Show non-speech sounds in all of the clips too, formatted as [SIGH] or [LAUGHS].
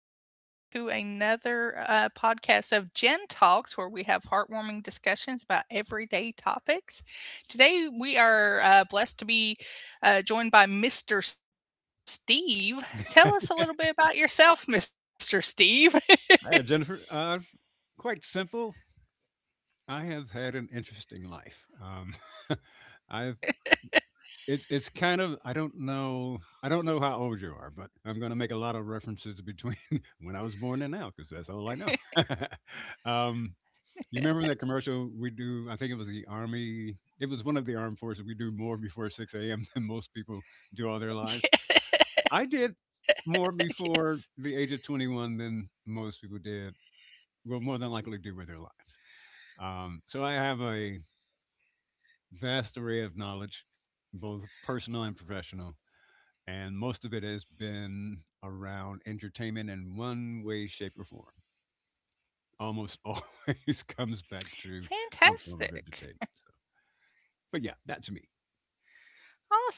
joining. Welcome to another podcast of Gen Talks, where we have heartwarming discussions about everyday topics. Today, we are blessed to be joined by Mr. Steve. Tell us a little bit about yourself, Mr. Steve. Hi, Jennifer. Quite simple. I have had an interesting life. [LAUGHS] I've it's kind of I don't know how old you are, but I'm going to make a lot of references between [LAUGHS] when I was born and now because that's all [LAUGHS] I Yeah, know. [LAUGHS] um, you remember that commercial we do? I think it was the Army. It was one of the armed forces. We do more before 6 a.m. [LAUGHS] than most people do all their lives. I did more yes. before the age of 21 than most people did. Will more than likely do with their lives. So I have a vast array of knowledge, both personal and professional, and most of it has been around entertainment in one way, shape, or form. Almost always [LAUGHS] comes back to some Fantastic. form of entertainment. But yeah, that's me. Awesome.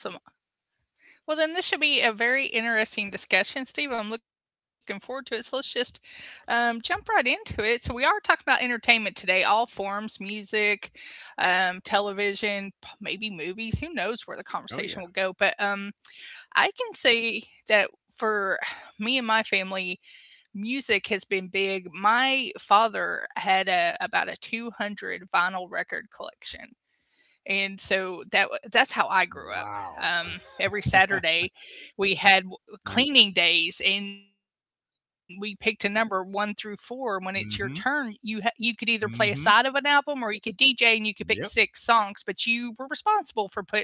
Well, then this should be a very interesting discussion, Steve. I'm looking forward to it. So let's just jump right into it. So we are talking about entertainment today, all forms, music, television, maybe movies. Who knows where the conversation Oh will yeah. go? But I can say that for me and my family, music has been big. My father had about a 200 vinyl record collection, and so that's how I grew up. Wow. Every [LAUGHS] Saturday, we had Nice. cleaning days, and we picked a number one through four. When it's your turn, you Mm-hmm. could either play a side of an album or you Mm-hmm. could DJ, and you could pick six songs, Yep. but you were responsible for putting it on,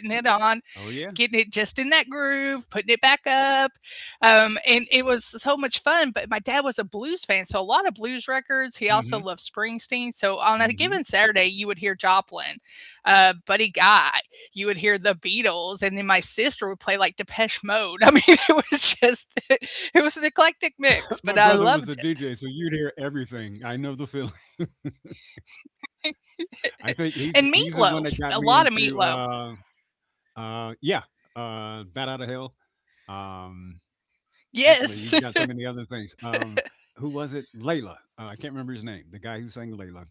getting it Oh just yeah. in that groove, putting it back up. And it was so much fun. But my dad was a blues fan, so a lot of blues records. He also loved Mm-hmm. Springsteen. So on a given Mm-hmm. Saturday, you would hear Joplin, Buddy Guy, you would hear the Beatles, and then my sister would play like Depeche Mode. [LAUGHS] I mean, it was just, [LAUGHS] it was an eclectic mix, [LAUGHS] My but I brother was loved a it. DJ, so you'd hear everything. I know the feeling. I think he's And he's the one that meatloaf, got a me lot of into meatloaf. Yeah, Bat Out of Hell. Um, Actually, Yes. he's got [LAUGHS] so many other things. Who was it? Layla. I can't remember his name. The guy who sang Layla,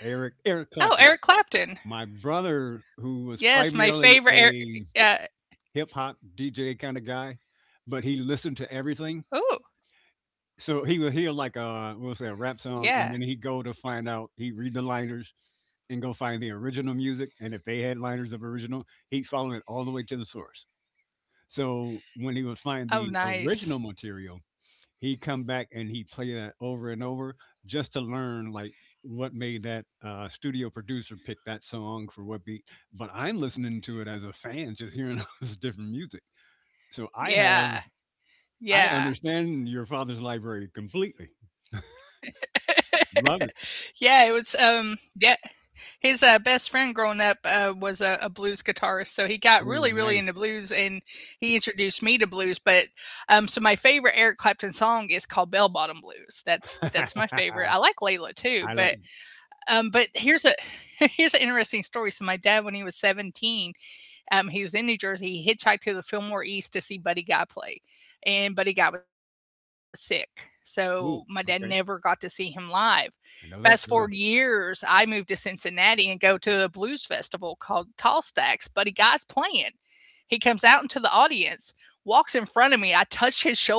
Eric Oh, Eric Eric Clapton. Clapton. My brother, who was Yes, my favorite. primarily Eric, a uh, hip hop DJ kind of guy, but he listened to everything. oh, So he would hear like yeah. a, we'll say, a rap song, and then he'd go to find out. He'd read the liners, and go find the original music. And if they had liners of original, he'd follow it all the way to the source. So when he would Oh, find the nice. original material, he'd come back and he'd play that over and over just to learn like what made that studio producer pick that song for what beat. But I'm listening to it as a fan, just hearing [LAUGHS] all this different music. So I Yeah. have, I Yeah. understand your father's library completely. Love it. Yeah, it was, yeah, his, best friend growing up, was a blues guitarist, so he got Oh, really, really into nice. blues, and he introduced me to blues. But so my favorite Eric Clapton song is called Bell Bottom Blues. That's my [LAUGHS] favorite. I I like Layla too, like, but here's a [LAUGHS] here's an interesting story. So my dad, when he was 17, he was in New Jersey. He hitchhiked to the Fillmore East to see Buddy Guy play, and Buddy Guy was sick, so my dad never Ooh, got to see okay. him live. Fast forward I know that years, feeling. I moved to Cincinnati and go to a blues festival called Tall Stacks. Buddy Guy's playing. He comes out into the audience, walks in front of me. I touch his shoulder.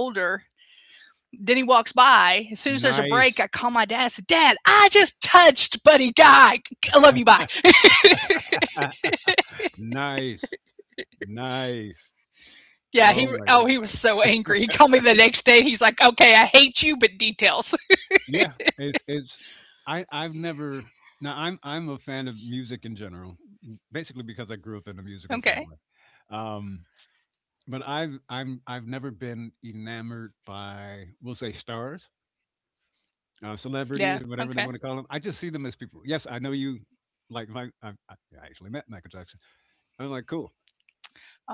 Then he walks by. As soon as there's a break, I call my Nice. dad. I said, "Dad, I just touched Buddy Guy. I love you. Bye." [LAUGHS] Ah, nice, nice. Yeah, Oh my he god. was so angry. He called me the next day, he's like, "Okay, I hate you, but details." [LAUGHS] Yeah, it's I I've never now I'm a fan of music in general, basically because I grew up in a musical Okay. family. Um but I've never been enamored by, we'll say, stars, celebrities, Yeah, or whatever they okay. want to call them. I just see them as people. Yes, I know you like my I, I actually met Michael Jackson. I'm like, cool.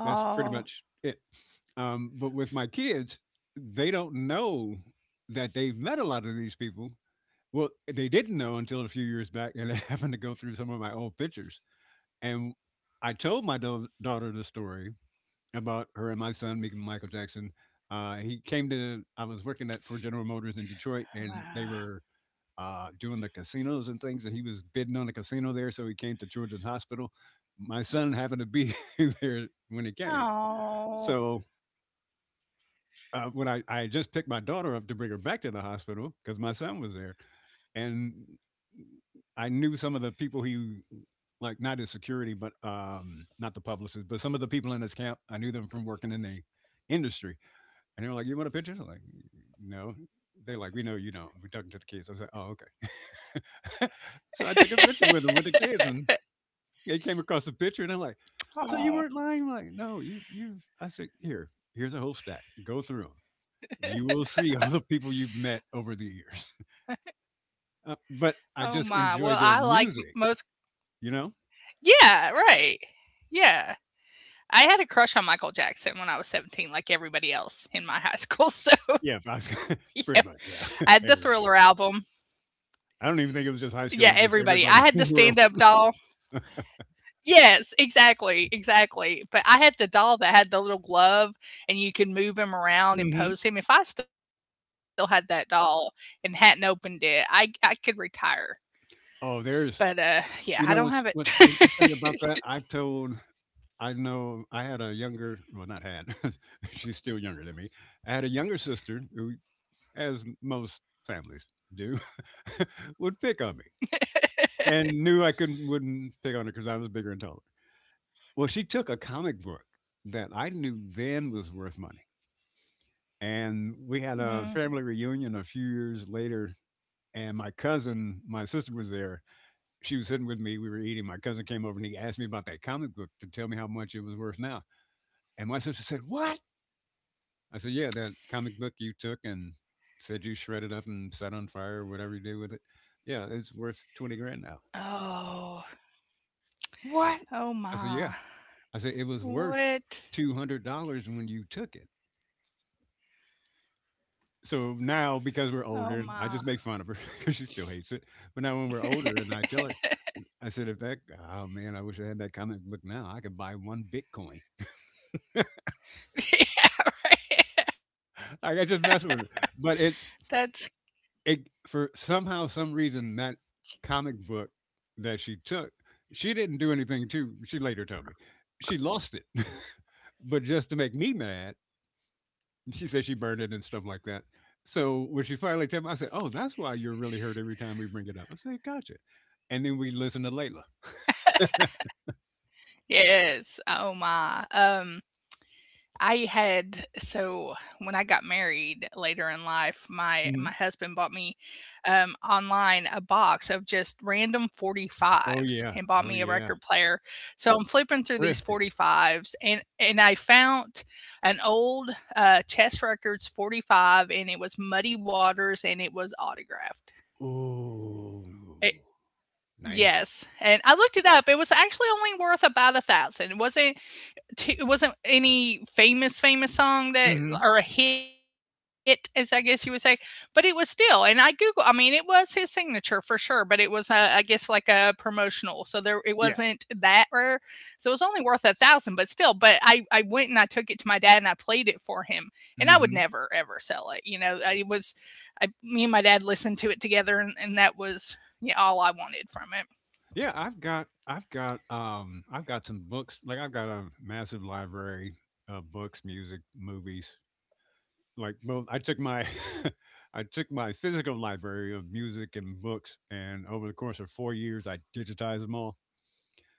That's pretty much Oh, it. But with my kids, they don't know that they've met a lot of these people. Well, they didn't know until a few years back, and I [LAUGHS] happened to go through some of my old pictures. And I told my daughter the story about her and my son meeting Michael Jackson. I was working at for General Motors in wow. Detroit, and they were doing the casinos and things, and he was bidding on the casino there. So he came to Children's Hospital. My son happened to be [LAUGHS] there when he came. Oh. So I just picked my daughter up to bring her back to the hospital because my son was there. And I knew some of the people like, not his security, but not the publicist, but some of the people in his camp. I knew them from working in the industry. And they were like, "You want a picture?" I'm like, "No." They like, "We know you don't. We're talking to the kids." I was like, "Oh, okay." [LAUGHS] So I took a picture with them, with the kids, and they came across the picture and they're like, "So you Aw. weren't lying?" I'm like, "No, you," I said, "Here, here's a whole stack. Go through 'em." You will see [LAUGHS] all the people you've met over the years. But I Oh just my. enjoy Well, their I like music, most. you know? Yeah, right. Yeah. I had a crush on Michael Jackson when I was 17, like everybody else in my high Yeah, school, [LAUGHS] if I so, was, [LAUGHS] yeah. pretty much. Yeah, [LAUGHS] I had the everybody. Thriller album. I don't even think it was just high school. It was Yeah, just everybody [LAUGHS] everybody. in I the had the world. stand-up doll. Yes, exactly, exactly, but I had the doll that had the little glove, and you could move him Hmm. around and pose him. If I still had that doll and hadn't opened it, I could retire, Oh, but, yeah, you I know, don't have what's it. what's interesting about [LAUGHS] that? I've told, I know, I had a younger, well, not had, [LAUGHS] she's still younger than me. I had a younger sister who, as most families do, [LAUGHS] would pick on me and knew I couldn't wouldn't pick on her because I was bigger and taller. Well, she took a comic book that I knew then was worth money. And we had a family Mm. reunion a few years later. And my sister was there. She was sitting with me. We were eating. My cousin came over and he asked me about that comic book to tell me how much it was worth now. And my sister said, "What?" I said, "Yeah, that comic book you took and said you shredded up and set on fire or whatever you did with it. Yeah, it's worth 20 grand now." Oh, "What?" I said, oh "Yeah." my. I said, "It was worth What? $200 when you took it." So now because we're older, I just Oh make fun of her my. [LAUGHS] because she still hates it. But now when we're older, and I tell her, I said, if that, oh man, I wish I had that comic book now. I could buy one Bitcoin. [LAUGHS] [LAUGHS] Like I just mess with her. But it's That's. it For somehow some reason that comic book that she took, she didn't do anything to. She later told me she lost it, [LAUGHS] but just to make me mad, she said she burned it and stuff like that. So when she finally told me, I said, "Oh, that's why you're really hurt every time we bring it up." I said, "Gotcha." And then we listen to Layla. Yes, oh my. I had so When I got married later in life, my Mhm. husband bought me online a box of just random Oh 45s yeah, and bought oh me a yeah, record player. So I'm flipping through these thrifting. 45s and I found an old Chess Records 45, and it was Muddy Waters, and it was autographed. It, Ooh, nice. yes, and I looked it up. It was actually only worth about a thousand. It wasn't any famous famous Hmm. song that, or a hit, as I guess you would say. But it was still. And I mean, it was his signature for sure. But it was, I guess, like a promotional, so there, it Yeah. wasn't that rare. So it was only worth a thousand, but still. But I went, and I took it to my dad, and I played it for him, and I would Hmm. never ever sell it, it was. Me and my dad listened to it together, and, that was, yeah, all I wanted from it. Yeah, I've got some books. Like I've got a massive library of books, music, movies, like well, I took my [LAUGHS] I took my physical library of music and books, and over the course of 4 years, I digitized them all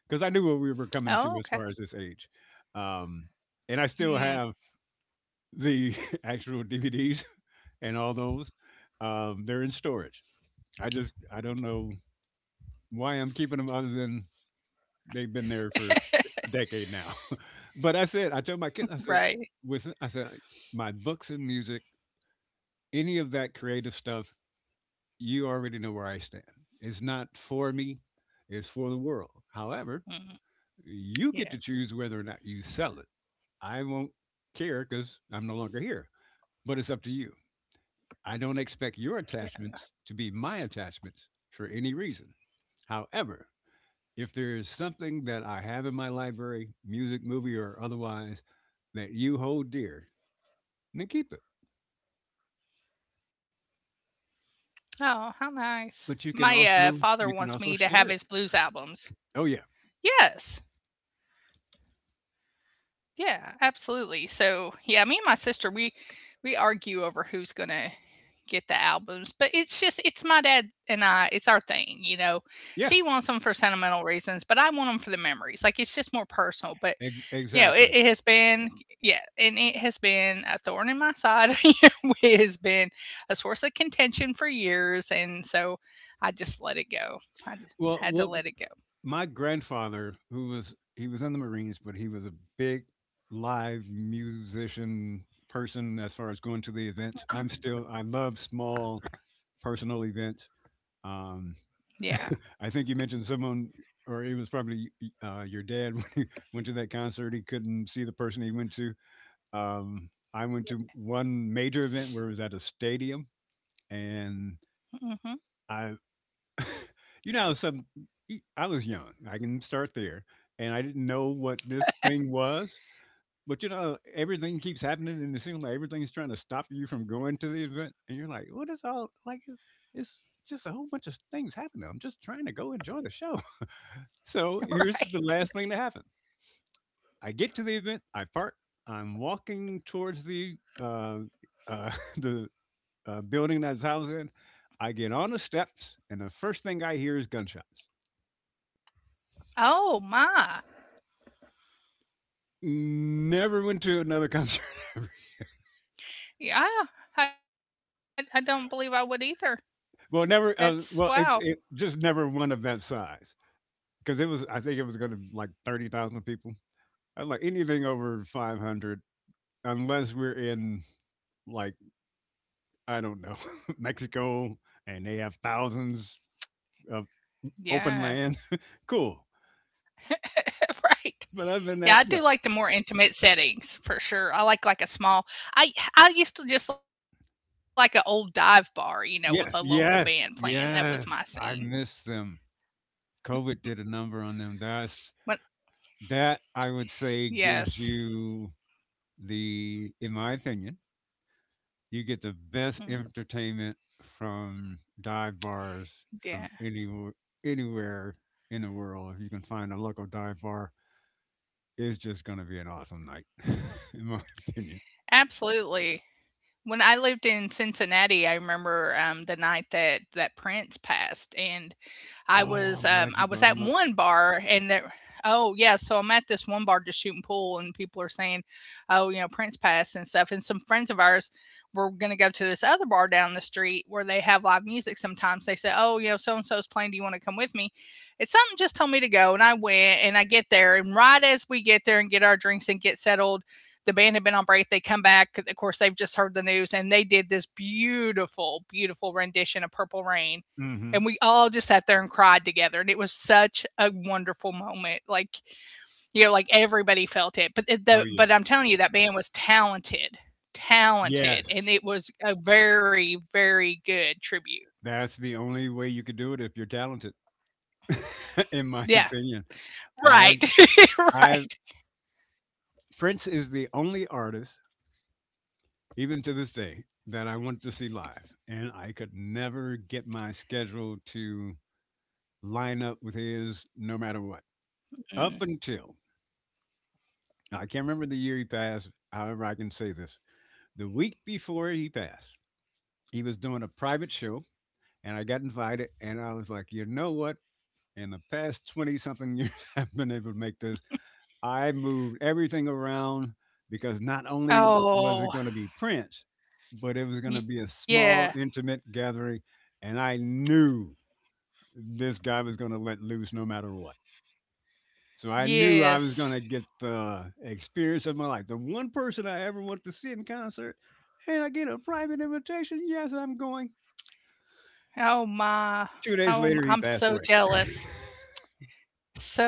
because I knew what we were coming to Oh, as okay. far as this age. Um, and I still Hmm, have the [LAUGHS] actual DVDs and all those. They're in storage. I don't know why I'm keeping them other than they've been there for a decade now. [LAUGHS] but I said I told my kids I said right. with I said my books and music, any of that creative stuff, you already know where I stand. It's not for me, it's for the world. However, Mm, you get to yeah, choose whether or not you sell it. I won't care because I'm no longer here, but it's up to you. I don't expect your yeah. attachments to be my attachments for any reason. However, if there is something that I have in my library, music, movie, or otherwise, that you hold dear, then keep it. Oh, how nice. But My father you can wants also me to have share it. his blues albums. Oh yeah, Yes. Yeah, absolutely. So, yeah, me and my sister, we argue over who's going to get the albums, but it's just, it's my dad and I, it's our thing, you know. yeah, She wants them for sentimental reasons, but I want them for the memories. Like, it's just more personal, but, it, exactly. it has been, yeah, and it has been a thorn in my side. [LAUGHS] It has been a source of contention for years. And so I just let it go. I just Well, had what to let it My grandfather, who was he was in the Marines, but he was a big live musician person as far as going to the events. Go. I love small personal events. Um, Yeah. [LAUGHS] I think you mentioned someone, or it was probably your dad [LAUGHS] when he went to that concert. He couldn't see the person he went to. I went to one major event where it was at a stadium, and Mm-hmm. I You know, some e, I was young. I can start there, and I didn't know what this thing was. But you know, everything keeps happening, and it seems like everything's trying to stop you from going to the event. And you're like, "What is all like? It's just a whole bunch of things happening. I'm just trying to go enjoy the show." [LAUGHS] So [LAUGHS] here's the Right. last thing to happen. I get to the event. I park. I'm walking towards the uh, [LAUGHS] the building that's housed in. I get on the steps, and the first thing I hear is gunshots. Oh, my. Never went to another concert. [LAUGHS] Yeah. I don't believe I would either. Well, That's. never, Wow. Well, it's it just never one of that size because it was I think it was gonna like 30,000 people. I like, anything over 500, unless we're in, like, I don't know, [LAUGHS] Mexico, and they have thousands of open Yeah. land, [LAUGHS] cool. [LAUGHS] Right. But other than Yeah, that, I no. do like the more intimate settings for sure. I like, a small. I used to just like an old dive bar, you know, with a Yes, local yes, band playing. That was my yes, I scene. miss them. COVID did a number on them. That's What? that I would say gives Yes. you the in my opinion, you get the best Mm, entertainment from dive bars, from yeah, anywhere in the world. If you can find a local dive bar, it's just going to be an awesome night, [LAUGHS] in my opinion. absolutely. When I lived in Cincinnati, I remember, the night that Prince passed, and I Oh, I'm was, glad um, you I was brought at him up. one bar, and there, oh, yeah. So I'm at this one bar just shooting pool, and people are saying, "Oh, you know, Prince Pass and stuff," and some friends of ours were gonna go to this other bar down the street where they have live music sometimes. They say, "Oh, you know, so and so's playing. Do you wanna come with me?" And something just told me to go, and I went, and I get there, and right as we get there and get our drinks and get settled, the band had been on break. They come back, of course. They've just heard the news, and they did this beautiful, beautiful rendition of Purple Rain, Hmm. and we all just sat there and cried together. And it was such a wonderful moment. Like, you know, like everybody felt it. But it, Oh the but yeah, I'm telling you, that band was talented, talented, and yes. it was a very, very good tribute. That's the only way you could do it if you're talented, [LAUGHS] in my Yeah, opinion. I, right. [LAUGHS] I, Right. Prince is the only artist even to this day, that I want to see live. And I could never get my schedule to line up with his no matter what. Up Mm. until, I can't remember the year he passed, however, I can say this. The week before he passed, he was doing a private show, and I got invited, and I was like, you know what? In the past 20 something years, [LAUGHS] I've been able to make this. I moved everything around because not only was it going to be Oh, Prince, but it was going to be a yeah. small, intimate gathering. And I knew this guy was going to let loose no matter what. So I knew I was going to Yes. get the experience of my life. The one person I ever wanted to see in concert, and I get a private invitation. Yes, I'm going. Oh, Two my. days later, he passed I'm away. so jealous,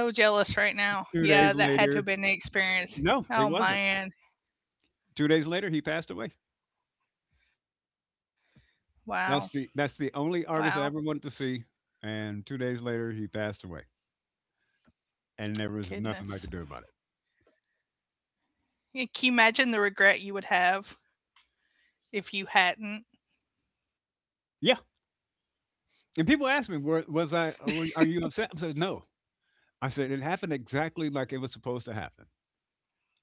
so jealous right [LAUGHS] Two now, days yeah. That later, had to have been the no, experience. it wasn't. Oh, man. 2 days later, he passed away. Wow. That's the only Wow. artist I ever wanted to see, and 2 days later he passed away, and there was Goodness. nothing I could do about it. Yeah, can you imagine the regret you would have if you hadn't? Yeah, and people ask me, "Were was I are you upset?" I said, "No." I said, "It happened exactly like it was supposed to happen."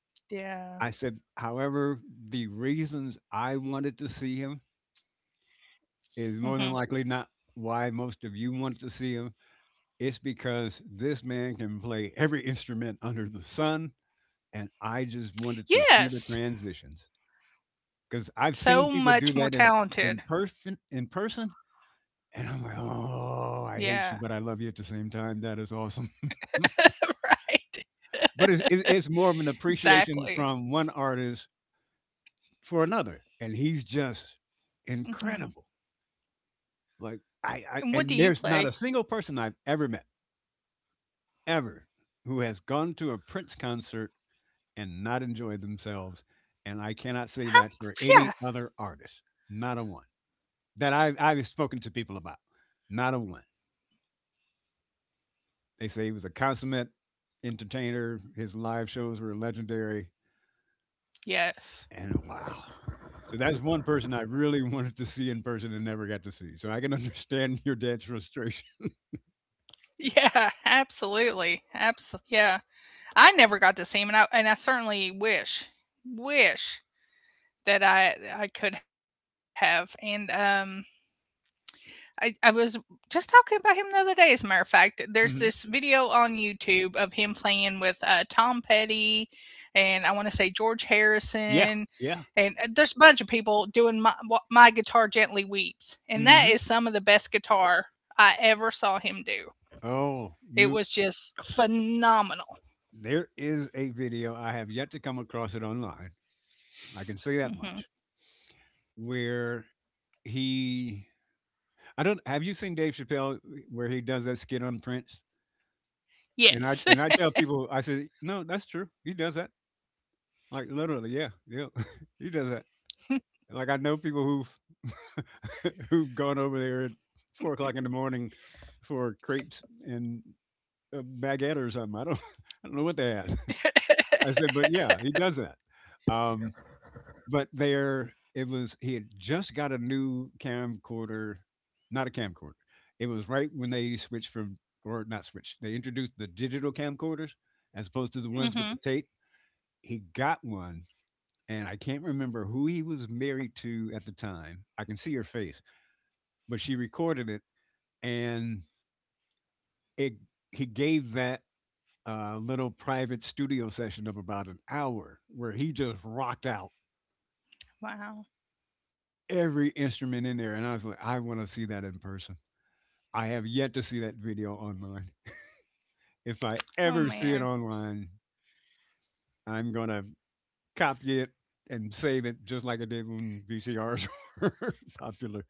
Yeah. I said, "However, the reasons I wanted to see him is Hmm. more than likely not why most of you wanted to see him. It's because this man can play every instrument under the sun, and I just wanted to see the Yes. transitions." 'Cause I've seen So people do much that more in in talented. person in person, and I'm like, Yeah. "Oh, I hate you, but I love you at the same time. That is awesome." [LAUGHS] [LAUGHS] Right. But it's more of an Exactly. appreciation from one artist for another, and he's just Hmm. incredible. Like, I And what do and you there's not play? a single person I've ever met, ever, who has gone to a Prince concert and not enjoyed themselves, and I cannot say that How? for any Yeah. other artist. Not a one. That I've spoken to people about. Not a one. They say he was a consummate entertainer. His live shows were legendary. And Yes. wow. So that's one person I really [LAUGHS] wanted to see in person and never got to see. So I can understand [LAUGHS] your dad's frustration. Yeah. [LAUGHS] Absolutely. Absolutely. Yeah. I never got to see him, and I certainly wish, wish that I could have. And I was just talking about him the other day, as a matter of fact. There's Hmm. this video on YouTube of him playing with Tom Petty, and I want to say George Yeah, Harrison. yeah. And there's a bunch of people doing my Guitar Gently Weeps. And that Hmm. is some of the best guitar I ever saw him do. Oh, you It was just phenomenal. there is a video I have yet to come across it online. I can say that much. Hmm. Where he I don't have you seen Dave Chappelle where he does that skit on Prince? And I tell Yes. people I said, "No, that's true. He does that." Like literally, yeah, yeah. [LAUGHS] He does that. Like I know [LAUGHS] people who've [LAUGHS] who've gone over there at 4 o'clock in the morning for crepes and a baguette or something. I don't [LAUGHS] I don't know what they had. [LAUGHS] I said, but yeah, he does that. Um, but there, it was he had just got a new camcorder, not a camcorder. It was right when they switched from or not switched. They introduced the digital camcorders as opposed to the ones with the tape. Hmm. He got one and I can't remember who he was married to at the time. I can see her face, but she recorded it, and it he gave that little private studio session of about an hour where he just rocked out Wow. every instrument in there, and I was like, I want to see that in person. I have yet to see that video online. If I ever see it online, Oh, man. I'm gonna copy it and save it just like I did when VCRs [LAUGHS] were popular.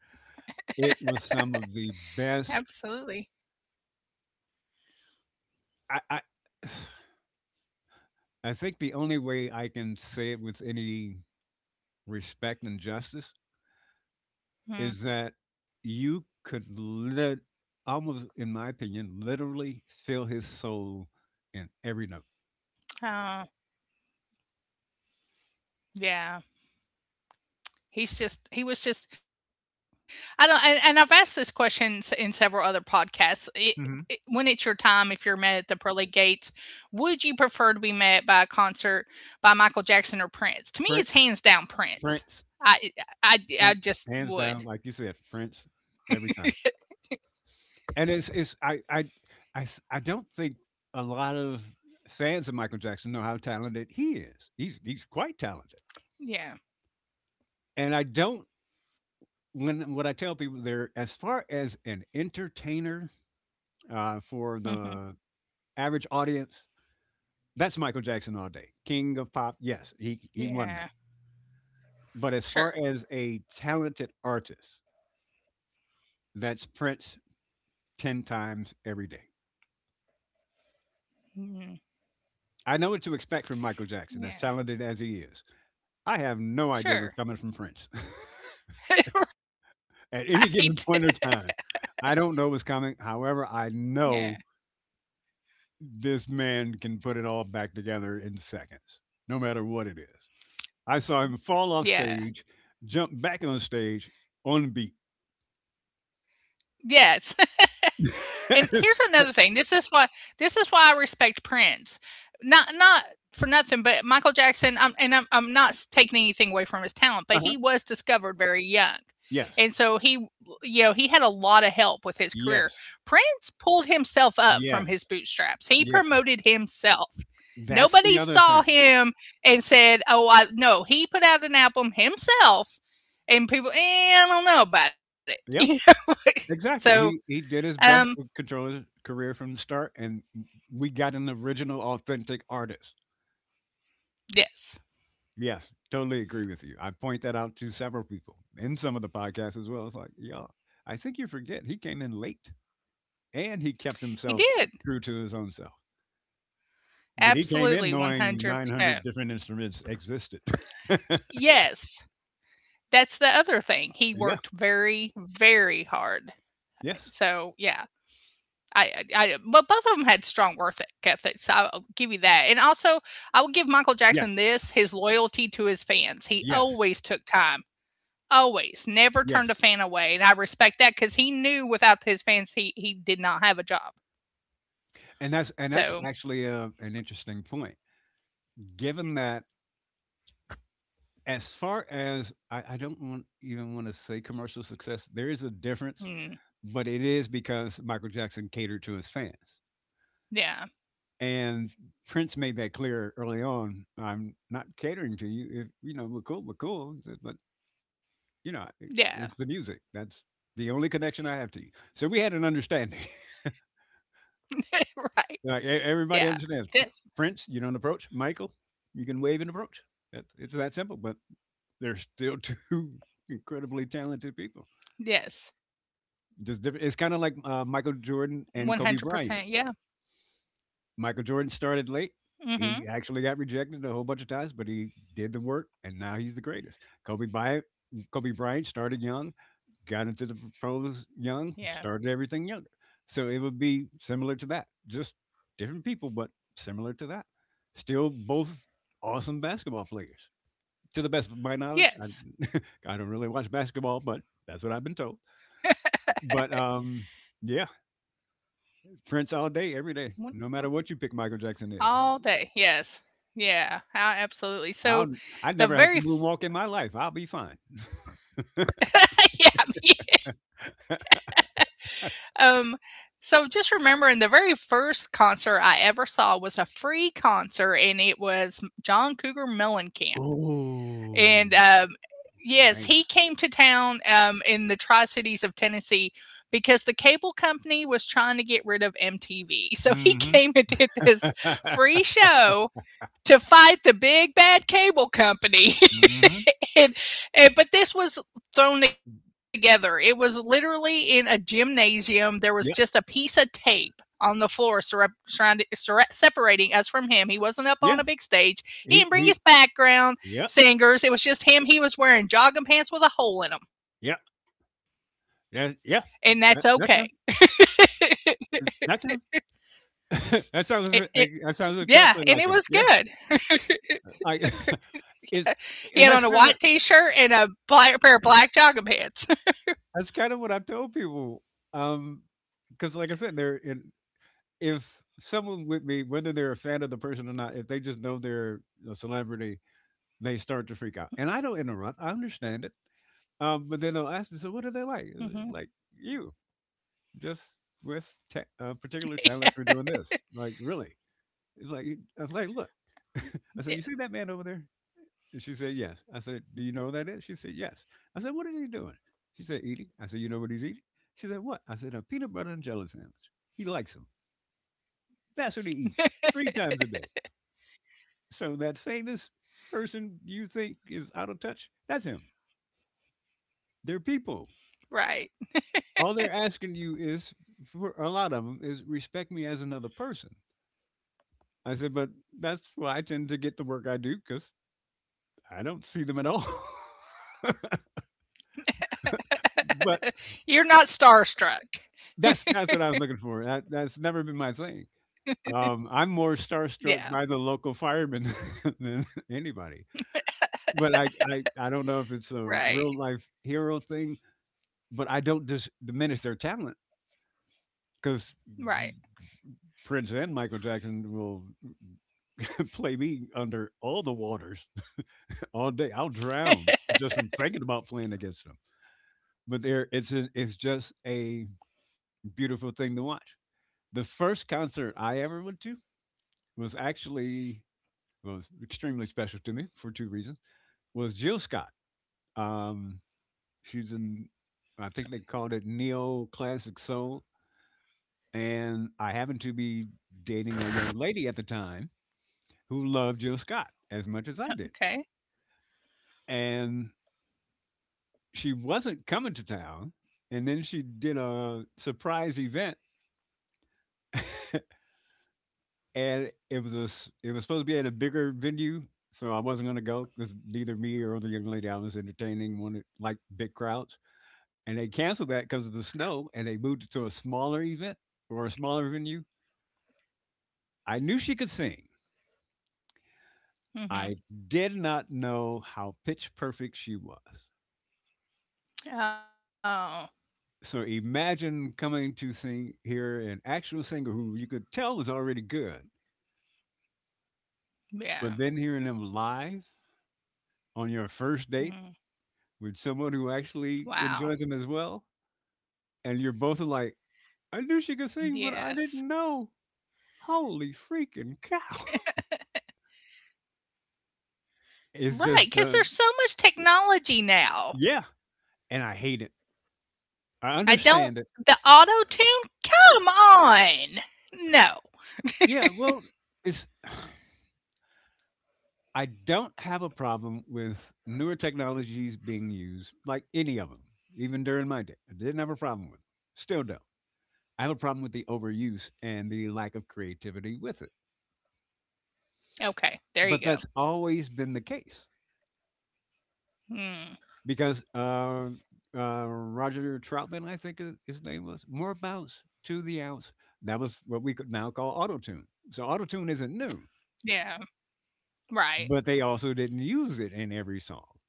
It was some of the best Absolutely. I [SIGHS] I think the only way I can say it with any respect and justice is that Mm. you could lit- almost, in my opinion, literally feel his soul in every note. Oh, yeah. He was just. I don't. And I've asked this question in several other podcasts. Hmm. When it's your time, if you're met at the pearly gates, would you prefer to be met by a concert by Michael Jackson or Prince? To me, it's Prince, hands down Prince. Prince, I I Prince, just hands down, would. like you said, Prince every time. And it's I don't think a lot of fans of Michael Jackson know how talented he is. He's quite talented, Yeah. and I don't when what I tell people there, as far as an entertainer for the Hmm. average audience, that's Michael Jackson all day, king of pop. Yes, he won that. Yeah. But as far as Sure. a talented artist, that's Prince ten times every day. Mhm. I know what to expect from Michael Jackson, as Yeah. talented as he is. I have no idea what's coming Sure. from Prince [LAUGHS] [LAUGHS] Right. at any given point or time. I don't know what's coming. However, [LAUGHS] I Yeah. know this man can put it all back together in seconds, no matter what it is. I saw him fall off Yeah. stage, jump back on stage on beat. Yeah. [LAUGHS] And Uh-huh. here's another thing. This is why I respect Prince. Not for nothing, but Michael Jackson. I'm not taking anything away from his talent, but he was discovered very young, Yes, and so he had a lot of help with his career. yes, Prince pulled himself up from his yes, bootstraps. He yes. promoted himself. That's the Nobody other saw thing. him and said, "Oh, I no." He put out an album himself, and people, I don't know about it. Yep, [LAUGHS] So, exactly. He did his um, best to control his career from the start, and we got an original, authentic artist. yes. Yes, totally agree with you. I point that out to several people in some of the podcasts as well. It's like, y'all, I think you forget he came in late. And he kept He himself did. true to his own self. But he came in Absolutely, knowing 900 100%. different instruments existed. [LAUGHS] Yes. That's the other thing. He Yeah. worked very, very hard. Yes. So, yeah. I I I but both of them had strong worth ethics. I'll give you that. And also, I will give Michael Yes. Jackson this, his loyalty to his fans. He Yes. always took time. Always. Never turned a Yes. fan away, and I respect that because he knew without his fans, he did not have a job. And that's So, actually an interesting point. Given that as far as I don't want even want to say commercial success, there is a difference, mm, but it is because Michael Jackson catered to his fans. yeah. And Prince made that clear early on. I'm not catering to you. If you know, we're cool, we're cool. But you know, Yeah. it's the music. That's the only connection I have to you. So we had an understanding. [LAUGHS] [LAUGHS] Right. Like Yeah. everybody understands. Yes. Prince, you don't approach. Michael, you can wave and approach. That's it's that simple. But they're still [LAUGHS] two incredibly talented Yes. people. Just different. It's kind of like 100%, yeah. Michael Jordan and Kobe Bryant. Mhm, Michael Jordan started late. He actually got rejected a whole bunch of times, but he did the work, and now he's the greatest. Kobe Bryant started young got into the yeah. pros young, started everything younger. So it would be similar to that, just different people, but similar to that. Still both awesome basketball players, to the best of my knowledge. Yes. I don't really watch basketball, but that's what I've been told. But yeah, Prince all day, every day, One no matter what you pick. Michael Jackson is. all day, yes. Yeah, a absolutely. So, I'll I the never have very to f moonwalk in my life. I'll be fine. [LAUGHS] yeah, me um, so just remembering, the very first concert I ever saw was a free concert, and it was John Cougar Mellencamp. and, Oh, um Yes, he nice. came to town, in the Tri-Cities of Tennessee because the cable company was trying to get rid of MTV, so Mm-hmm. he [LAUGHS] came and did [LAUGHS] this free show to fight the big bad cable company. Mm-hmm. [LAUGHS] and, and but this was thrown together. It was literally in a gymnasium. Yeah, There was just a piece of tape on the floor separating us from him. yeah. He wasn't up on a big He he. stage. He didn't bring his Yep. background singers. It was just him. He was wearing jogging pants with Yeah, a hole in them, yeah, yeah. and That that's that's him. okay. [LAUGHS] That's him. [LAUGHS] That sounds like, It- it- that sounds exactly yeah, like him. and it Yeah, was good. I [LAUGHS] it's and that's He had on kinda a white t-shirt and a black, pair of black jogging pants. that's kinda what I tell people, Um, because like I said, they're in if someone with me, whether they're a fan of the person or not, if they just know they're a celebrity, they start to freak out, and I don't interrupt, I understand it, but then they'll ask me, "So what are they like?" Is [LAUGHS] it Hmm. like, "You, just with ta a particular talent for doing this." Like, "Really?" It's like I was like, look. [LAUGHS] I said, you see that man over there? And she said, yes. I said, do you know who that is? She said, yes. I said, what is he doing? She said, eating. I said, you know what he's eating? She said, what? I said, a peanut butter and jelly sandwich. He likes them. That's what he eats 3 times a day. So that famous person you think is out of touch, that's him. They're people. Right. All they're asking you is, for a lot of them, is respect me as another person. I said, but that's why I tend to get the work I do because I don't see them at all. [LAUGHS] But You're not starstruck. that's what I was looking for. That's never been my thing. I'm more starstruck by Yeah, the local firemen [LAUGHS] than anybody. But I don't know if it's a real right, life hero thing, but I don't diminish their talent because right. Prince and Michael Jackson will [LAUGHS] play me under all the waters [LAUGHS] all day. I'll drown just from thinking about playing against them. But there, it's just a beautiful thing to watch. The first concert I ever went to was actually was extremely special to me for 2 reasons was Jill Scott. Um, she's in, I think they called it neo classic soul, and I happened to be dating a young lady at the time who loved Jill Scott as much as I did, Okay. and she wasn't coming to town. And then she did a surprise event, [LAUGHS] and it was it was supposed to be at a bigger venue, so I wasn't going to go because neither me or the young lady I was entertaining wanted like big crowds. And they canceled that because of the snow and they moved it to a smaller event or a smaller venue. I knew she could sing. I did Mhm. not know how pitch perfect she was. Oh, So imagine coming to sing hear an actual singer who you could tell was already good, but then yeah. hearing them live on your first date Mhm. with someone who actually enjoys them as Wow. well, and you're both like, I knew she could Yes. sing, but I didn't know. Holy freaking cow. [LAUGHS] Right. It's Cause just, there's so uh, much technology now. Yeah. And I hate it. I I don't understand it. The auto tune? Come on! No. Yeah, well, it's [SIGHS] I don't have a problem with newer technologies being used, like any of them, even during my day. I didn't have a problem with them. Still don't. I have a problem with the overuse and the lack of creativity with it. But that's Okay, there you always go. been the case because Mhm, Roger Troutman, I think his name was, more bounce to the ounce. That was what we could now call auto tune. So auto tune isn't new, yeah, but they also right. didn't use it in every song.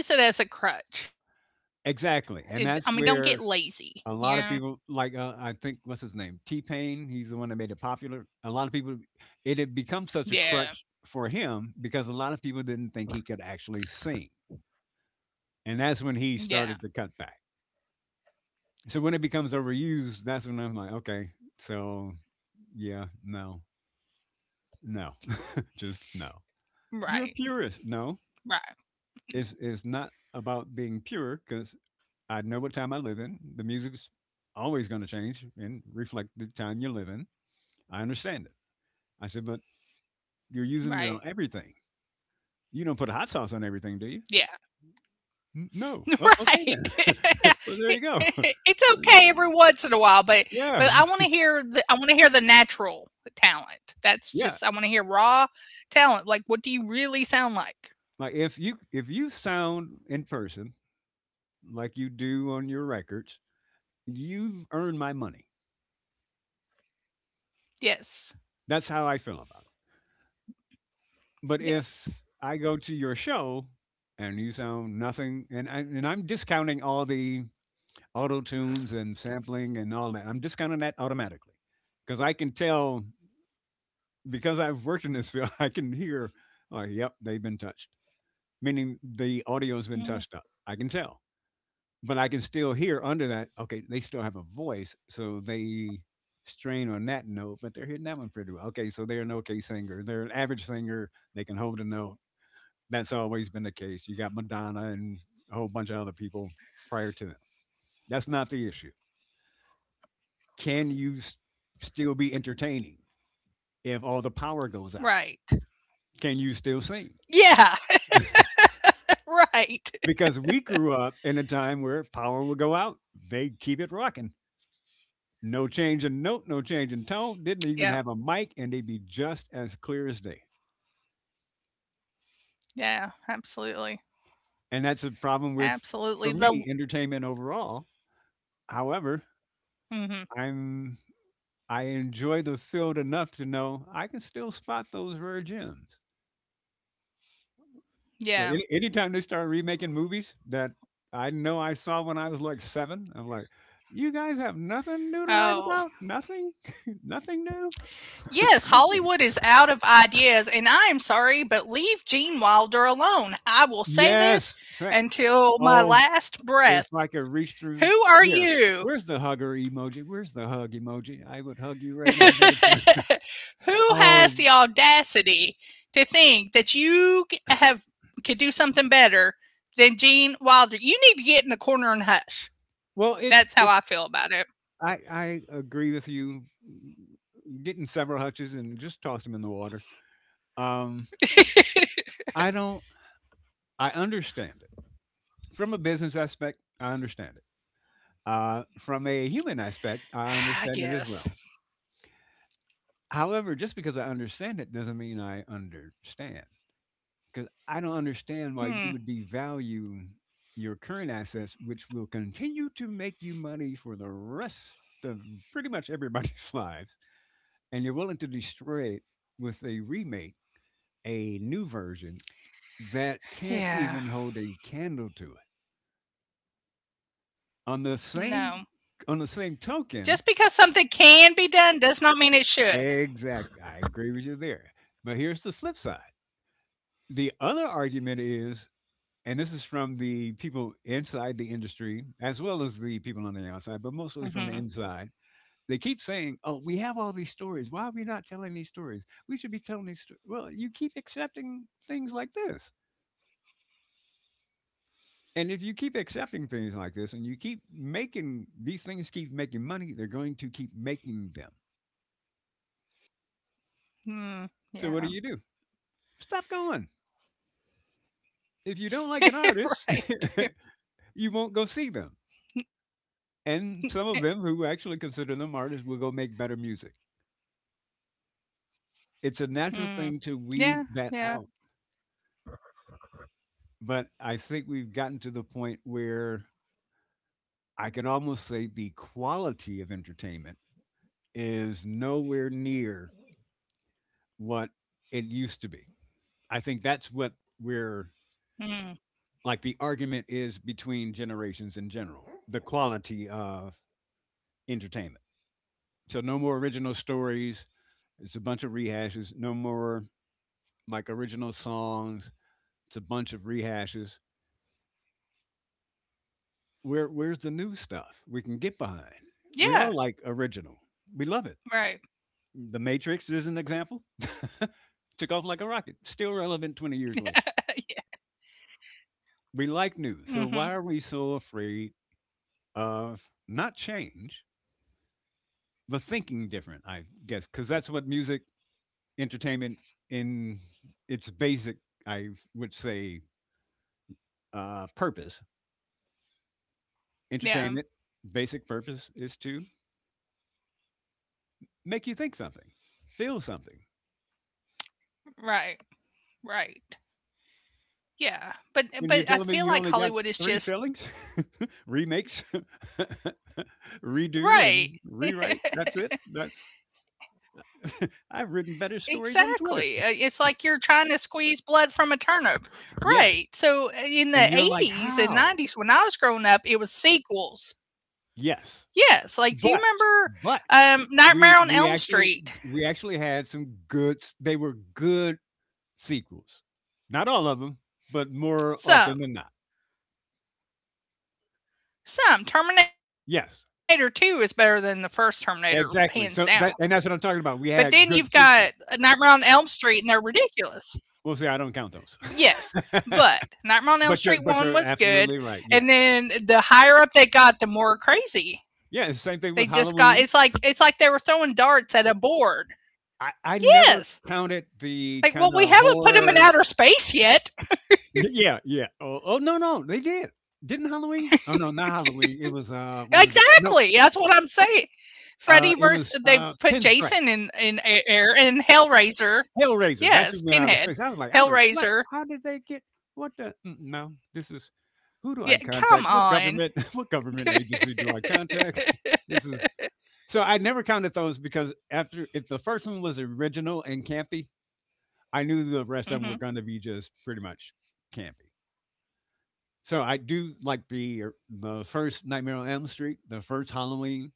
Yeah, don't use it as a crutch. It I mean, Exactly, don't and get that's where lazy, you know? a lot of people like, I think what's his name? T-Pain, he's the one that made it popular. A lot of people it had become such a Yeah, crutch for him because a lot of people didn't think he could actually sing. And that's when he started to yeah. cut back. So when it becomes overused, that's when I'm like, okay, so yeah, no. No. [LAUGHS] Just no. You're a Right, purist. No. right, It's not about being pure cuz I know what time I live in. The music's always going to change and reflect the time you live in. I understand it. I said, but you're right. using it on everything. You don't put hot sauce on everything, do you? Yeah. "N- No." "O- Okay then." Right. [LAUGHS] [LAUGHS] Well, there you go. [LAUGHS] It's okay every once in a while, but Yeah, I wanna hear the natural talent. That's yeah. just I wanna hear raw talent. Like, what do you really sound like? Like if you sound in person like you do on your records, you've earned my money. Yes. That's how I feel about it. But if Yes. I go to your show and you sound nothing, and I'm discounting all the auto tunes and sampling and all that. I'm discounting that automatically because I can tell because I've worked in this field. [LAUGHS] I can hear, oh, yep, they've been touched, meaning the audio has been Mm, touched up. I can tell, but I can still hear under that. Okay, they still have a voice, so they strain on that note, but they're hitting that one pretty well. Okay, so they're an okay singer. They're an average singer. They can hold a note. That's always been the case. You got Madonna and a whole bunch of other people prior to them. That's not the issue, can still be entertaining if all the power goes out? right. Can you still sing? Yeah, [LAUGHS] right. Because we grew up in a time where power would go out, they'd keep it rocking. No change in note, no change in Yeah, tone, didn't even have a mic, and they'd be just as clear as day. yeah, absolutely. And that's a problem with, Absolutely, the for me, entertainment overall. However, Mhm, I'm I enjoy the field enough to know I can still spot those rare gems. yeah. Like anytime they start remaking movies that I know I saw when I was like 7, I'm like, "You guys have nothing new to write Oh. about? Nothing? [LAUGHS] Nothing new? Yes, Nothing." Hollywood is out of ideas, and I am sorry, but leave Gene Wilder alone. I will say Yes. this Thank until my Oh, last if breath. I could reach through Who are here. you? Where's the hugger emoji? Where's the hug emoji? I would hug you [LAUGHS] right now if Who I could find [LAUGHS] oh, has the audacity to think that you g- have could do something better than Gene Wilder? You need to get in the corner and hush. well, That's how it's I feel about it. I agree with you. Getting several hutches and just toss them in the water. Um, I don't I understand it. From a business aspect, I understand it. From a [SIGHS] I human aspect, guess. I understand it as well. However, just because I understand it doesn't mean I understand, because I don't Hmm. understand why you would devalue your current assets, which will continue to make you money for the rest of pretty much everybody's [LAUGHS] lives, and you're willing to destroy it with a remake, a new version that can't Yeah. even hold a candle to it. No. On the same Just because on the something same can be token, done does not mean it should. exact. I agree with you there. But here's the flip side. The other argument is, and this is from the people inside the industry, as well as the people on the outside, but Hmm. mostly from the inside. They keep saying, "Oh, we have all these stories. Why are we not telling these stories? We should be telling these stories." Well, you keep accepting things like this, and if you keep accepting things like this, and you keep making these things keep making money, they're going to keep making them. Mm, yeah. So what do you do? Stop going. If you don't like an [LAUGHS] artist, right. [LAUGHS] you won't go see them. [LAUGHS] And some of them who actually consider them artists will go make better music. It's a Mm, natural thing yeah, to weed yeah. that out. But I think we've gotten to the point where I can almost say the quality of entertainment is nowhere near what it used to be. I think that's what we're Mm. like the argument is between generations in general the quality of entertainment. So, no more original stories, it's a bunch of rehashes. No more like original songs. It's a bunch of rehashes. Where's the new stuff we Yeah, can get behind? We all like right. original. We love it. The Matrix is an example. [LAUGHS] Took off like a rocket. Still relevant [LAUGHS] 20 years Yeah. later. We like Mhm. new. So why are we so afraid of not change, but thinking different, I guess, because that's what music entertainment in its basic, I would say, purpose. Entertainment, Yeah, basic purpose is to make you think something, feel something. right, right. Yeah, And but you're telling me I you only feel got like three Hollywood is fillings, just [LAUGHS] remakes, Right, [LAUGHS] redo, and rewrite. That's it. That's [LAUGHS] I've written better exactly. Stories on It's Twitter. like you're trying to squeeze blood from a turnip. Right, so Yes, in the and 80s you're and like, 90s when I how? was growing up, it was sequels. Yes, Yes, like, do you remember, but but Nightmare on Elm we Street? We actually had some good. They were good sequels. Not all of them, but more So often than not. Some. Terminator 2 is Yes, better than the first Terminator, hands down. exactly. So that and that's But what I'm then talking you've about. We got had good Nightmare sequels. on Elm Street, and they're ridiculous. Well, see, I don't count those. [LAUGHS] Yes, but Nightmare on Elm But Street you're but 1 you're was good, absolutely right, and yes. then the higher up they got, the more crazy. Yeah, it's the same They thing with just got Halloween. It's like they were throwing darts at a board. I never Yes. counted the Like, well, we kinda haven't put them in horror. outer space yet. Yeah, yeah. Oh, no, they did. Didn't Halloween? Oh, no, not Halloween, it was, what was it? No, Exactly. That's what I'm saying. Freddy it versus, was, they put Pinstripe. Jason in air, and Hellraiser. Hellraiser, that's Yes, who went out of Pinhead. space. I was like, "I don't what? Hellraiser. How did they get what the mm, no, this is who do Yeah, I come contact? What on. government [LAUGHS] what government agency do I contact? [LAUGHS] [LAUGHS] This is." So I never counted those because after if the first one was original and campy, I knew the rest of them were Hmm. going to be just pretty much campy. So I do like the first Nightmare on Elm Street, the first Halloween.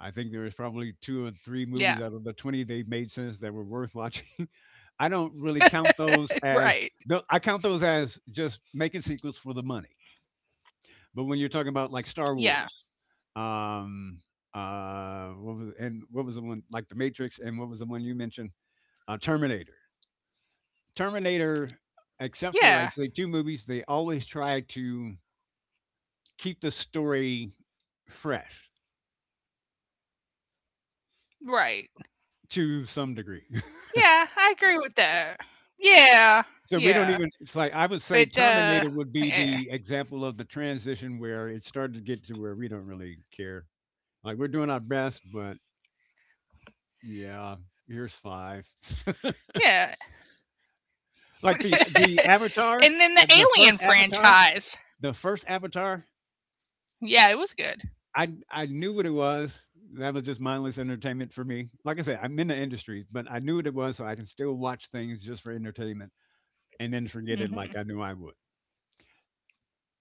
I think there was probably two or three movies Yeah, out of the 20 they've made since that were worth watching. [LAUGHS] I don't really count those [LAUGHS] as. right. I count those as just making sequels for the money. But when you're talking about like Star Yeah, Wars, um, what was and what was the one like The Matrix, and what was the one you mentioned? Terminator. Terminator, except yeah, for I'd say two movies, they always try to keep the story fresh right. to some degree. Yeah, I agree with that. Yeah, [LAUGHS] so we don't yeah, even. It's like I would say but Terminator would be the yeah, example of the transition where it started to get to where we don't really care. Like we're doing our best, but yeah, here's five. [LAUGHS] yeah. Like the [LAUGHS] the And Avatar, then the the Alien first Avatar, franchise. the first Avatar, Yeah, it was good. I knew what it was. That was just mindless entertainment for me. Like I said, I'm in the industry, but I knew what it was, so I can still watch things just for entertainment and then forget it like I knew I would. Hmm.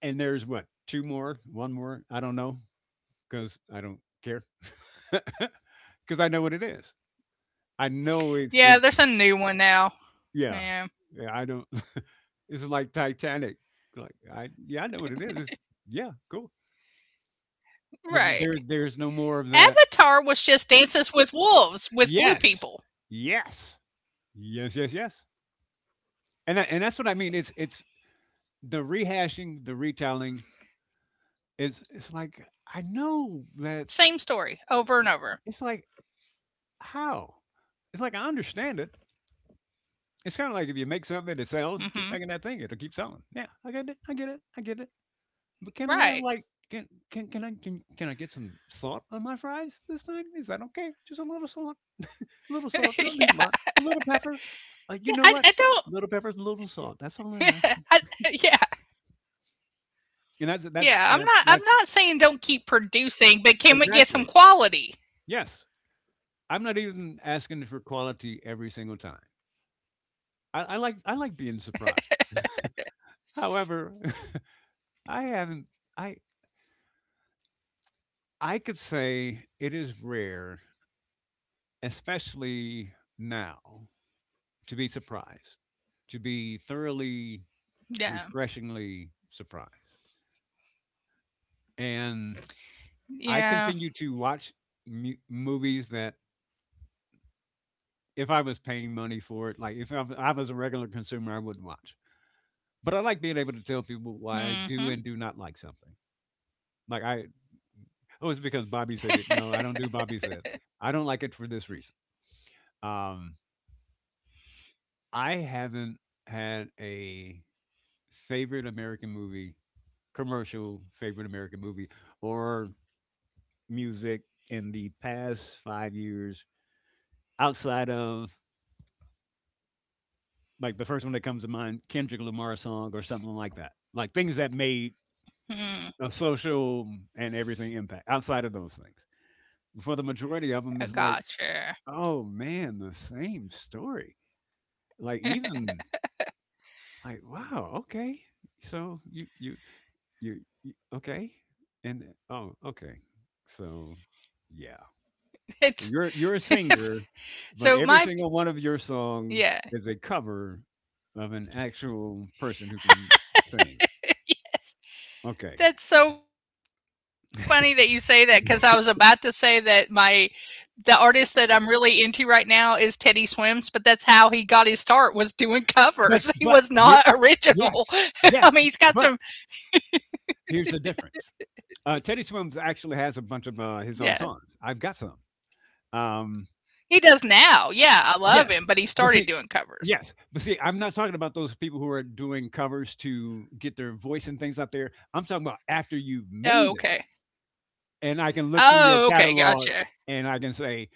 And there's what two more, one more, I don't know, because I don't care, [LAUGHS] because I know what it is. I know Yeah, it's there's a new one now. Yeah, Yeah, yeah. I don't. [LAUGHS] It's like Titanic. Like I yeah, I know what it is. It's, yeah, cool. But w there there's no right. more of that. Avatar was just Dances with Wolves Yes. with blue people. Yes. Yes, yes, yes. And that's what I mean, it's the rehashing, the retelling, it's like, I know that Same story over and over. it's like, how? It's like, I understand it. It's kinda like if you make something that sells, keep making that thing, it'll keep Hmm. selling. Yeah, I get it, I get it, I get it. But can I have, like can can can Right. I can can I get some salt on my fries this time? Is that okay? Just a little salt? A little salt, don't [LAUGHS] be yeah, much, a little pepper. You know what? I don't. Little pepper, little salt. That's all I'm asking. [LAUGHS] I, yeah, And that's that's yeah. I'm that's not. I'm that's not saying don't keep producing, but can we get exactly. some quality? Yes. I'm not even asking for quality every single time. I like being surprised. However, [LAUGHS] I haven't. I I could say it is rare, especially now, to be surprised, to be thoroughly, Yeah, refreshingly surprised. And I continue to yeah. watch movies that if I was paying money for it, like if I, I was a regular consumer, I wouldn't watch. But I like being able to tell people why I do and do not Mm-hmm. like something. Like oh, it's because Bobby said it. No, I don't do Bobby said. I don't like it for this reason. Um, I haven't had a favorite American movie, commercial favorite American movie, or music in the past 5 years outside of like the first one that comes to mind, Kendrick Lamar song or something like that. Like things that made a Mm, social and everything impact outside of those things. For the majority of them, it's like, I oh gotcha. [LAUGHS] man, the same story. Like even like wow, okay, so you okay, and oh okay, so yeah, so It's you're a [LAUGHS] singer, but so every my single one of your songs Yeah. is a cover of an actual person who can sing. Okay, That's so funny that you say that, because I was about to say that my the artist that I'm really into right now is Teddy Swims, but that's how he got his start, was doing covers. [LAUGHS] but He was but not here, original. yes, [LAUGHS] I mean, he's yes, got some. but here's the difference. Teddy Swims actually has a bunch of his Yeah, own songs. I've got some. Um, he does now. Yeah, I love him, but he yes, started but doing see, covers. yes, but see, I'm not talking about those people who are doing covers to get their voice and things out there. I'm talking about after you've Oh, made it, okay. and I can look through Oh, your okay, catalog gotcha. and I can say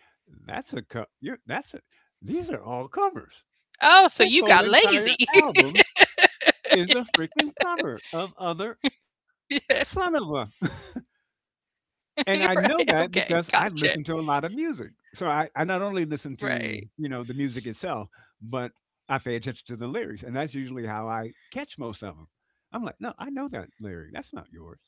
that's a co- you're, that's a, these are all covers. Oh, so This you whole got entire lazy. [LAUGHS] album is a freaking cover of other son of a. Right, And I know okay, that because gotcha. I listen to a lot of music. So I not only listen Right. to, you know, the music itself, but I pay attention to the lyrics. And that's usually how I catch most of them. I'm like, no, I know that lyric. That's not yours.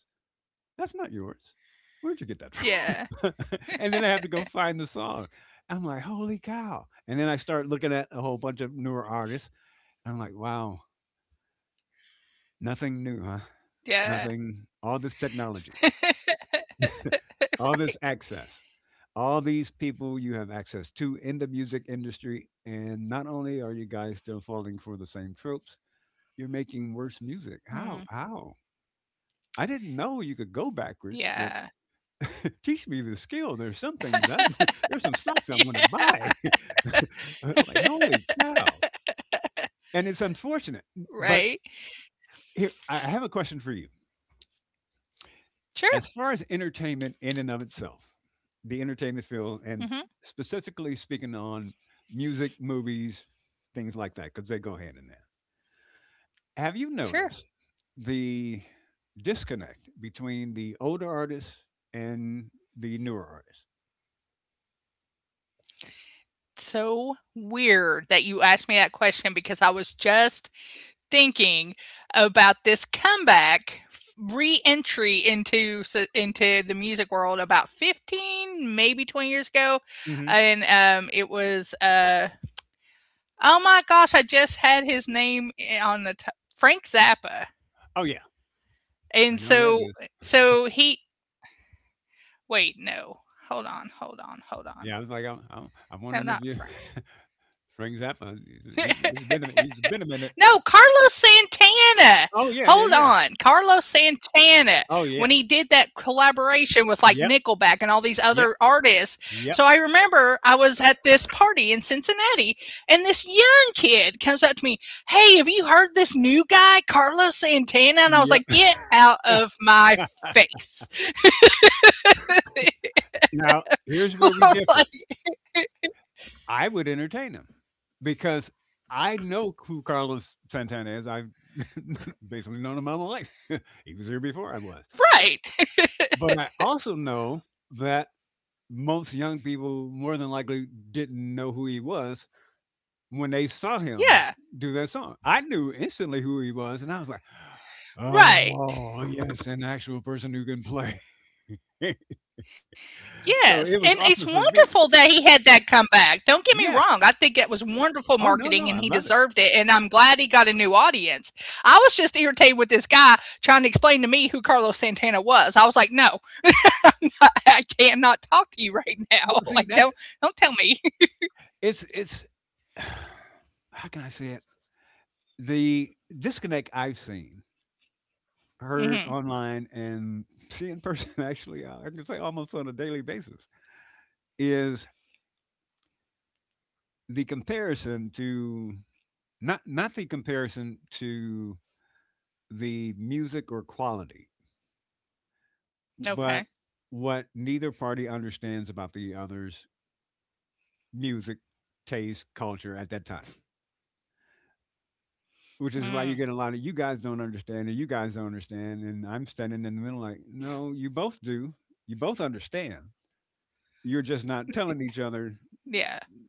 That's not yours. Yeah, Where'd you get that from? [LAUGHS] And then I have to go find the song. I'm like, holy cow. And then I start looking at a whole bunch of newer artists. I'm like, wow, nothing new, huh? yeah, Nothing, all this technology. [LAUGHS] All right. this access, all these people you have access to in the music industry, and not only are you guys still falling for the same tropes, you're making worse music. How? Mm, How? I didn't know you could go yeah. backwards, but [LAUGHS] teach me the skill. There's some things [LAUGHS] [LAUGHS] there's some Yeah, stocks I want to buy. [LAUGHS] Like holy cow! And it's unfortunate, right. but here I have a question for you. Sure, As far as entertainment in and of itself, the entertainment field, and mhm, specifically speaking on music, movies, things like that, because they go hand in hand. Have you noticed sure. the disconnect between the older artists and the newer artists? So weird that you asked me that question, because I was just thinking about this comeback, reentry into the music world about 15, maybe 20 years ago, Hmm. and, it was, oh my gosh, I just had his name on the t- Frank Zappa. Oh yeah, I And know that so is. so he wait, no. Hold on, hold on, hold on. Yeah, I was like, I'm No, wondering if not you Frank. [LAUGHS] Frank Zappa. [LAUGHS] He's been a minute. No, Carlos Santana. Oh yeah, yeah, Hold yeah. on. Carlos Santana, Oh when yeah. he did that collaboration with like Yep, Nickelback and all these yep, other artists. So I remember I was at this party in Cincinnati and this young kid comes up to me, "Hey, have you heard this new guy, Carlos Santana?" And I was yep, like, "Get out yep. of my [LAUGHS] face." Now, here's [LAUGHS] I where we was differ. like, I would entertain him because I know who Carlos Santana is. I've [LAUGHS] basically known him all my life. [LAUGHS] He was here before I was. Right. [LAUGHS] But I also know that most young people more than likely didn't know who he was when they saw him Yeah. do that song. I knew instantly who he was, and I was like, Right. oh, yes, an actual person who can play. [LAUGHS] Yes, So and it was it's awesome for me. wonderful that he had that comeback, don't get me Yeah. wrong, I think it was wonderful Oh, no, marketing and no. I he love it. deserved it, and I'm glad he got a new audience. I was just irritated with this guy trying to explain to me who Carlos Santana was. I was like, "No, [LAUGHS] I cannot talk to you right Well, now, [LAUGHS] see, like, that's. Don't tell me." [LAUGHS] It's [SIGHS] how can I say it? The disconnect I've seen, heard Mhm, online, and see in person, [LAUGHS] actually, I can say almost on a daily basis, is the comparison to not the comparison to the music or quality, okay. but what neither party understands about the other's music, taste, culture at that time. Which is why Mm, you get a lot of you guys don't understand, or you guys don't understand, and I'm standing in the middle like, no, you both do. You both understand. You're just not yeah, telling each other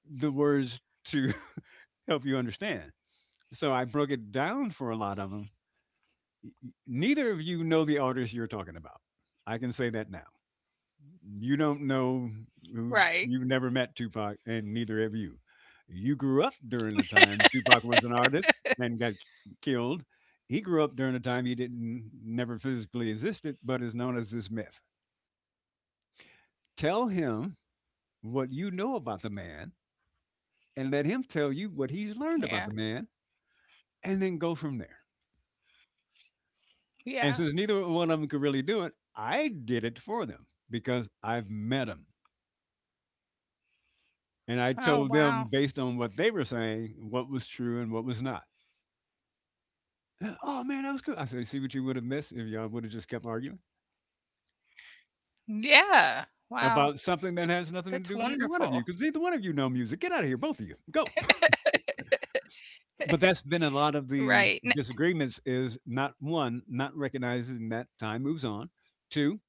the words to [LAUGHS] help you understand. So I broke it down for a lot of them. Neither of you know the artist you're talking about. I can say that now. You don't know right, who. You've never met Tupac, and neither have you. You grew up during the time Tupac was an artist and got killed. He grew up during the time he didn't never physically existed, but is known as this myth. Tell him what you know about the man, and let him tell you what yeah, he's learned about the man, and then go from there. yeah. And since neither one of them could really do it, I did it for them because I've met him. And Oh, I told wow. them based on what they were saying, what was true and what was not. "Oh, man, that was cool." I said, "See what you would have missed if y'all would have just kept arguing Yeah, wow, about something that has nothing that's to do with either one wonderful. of you, because neither one of you know music. Get out of here, both of you. Go." [LAUGHS] But that's been a lot of Right, the n disagreements is, not one, not recognizing that time moves on. Two,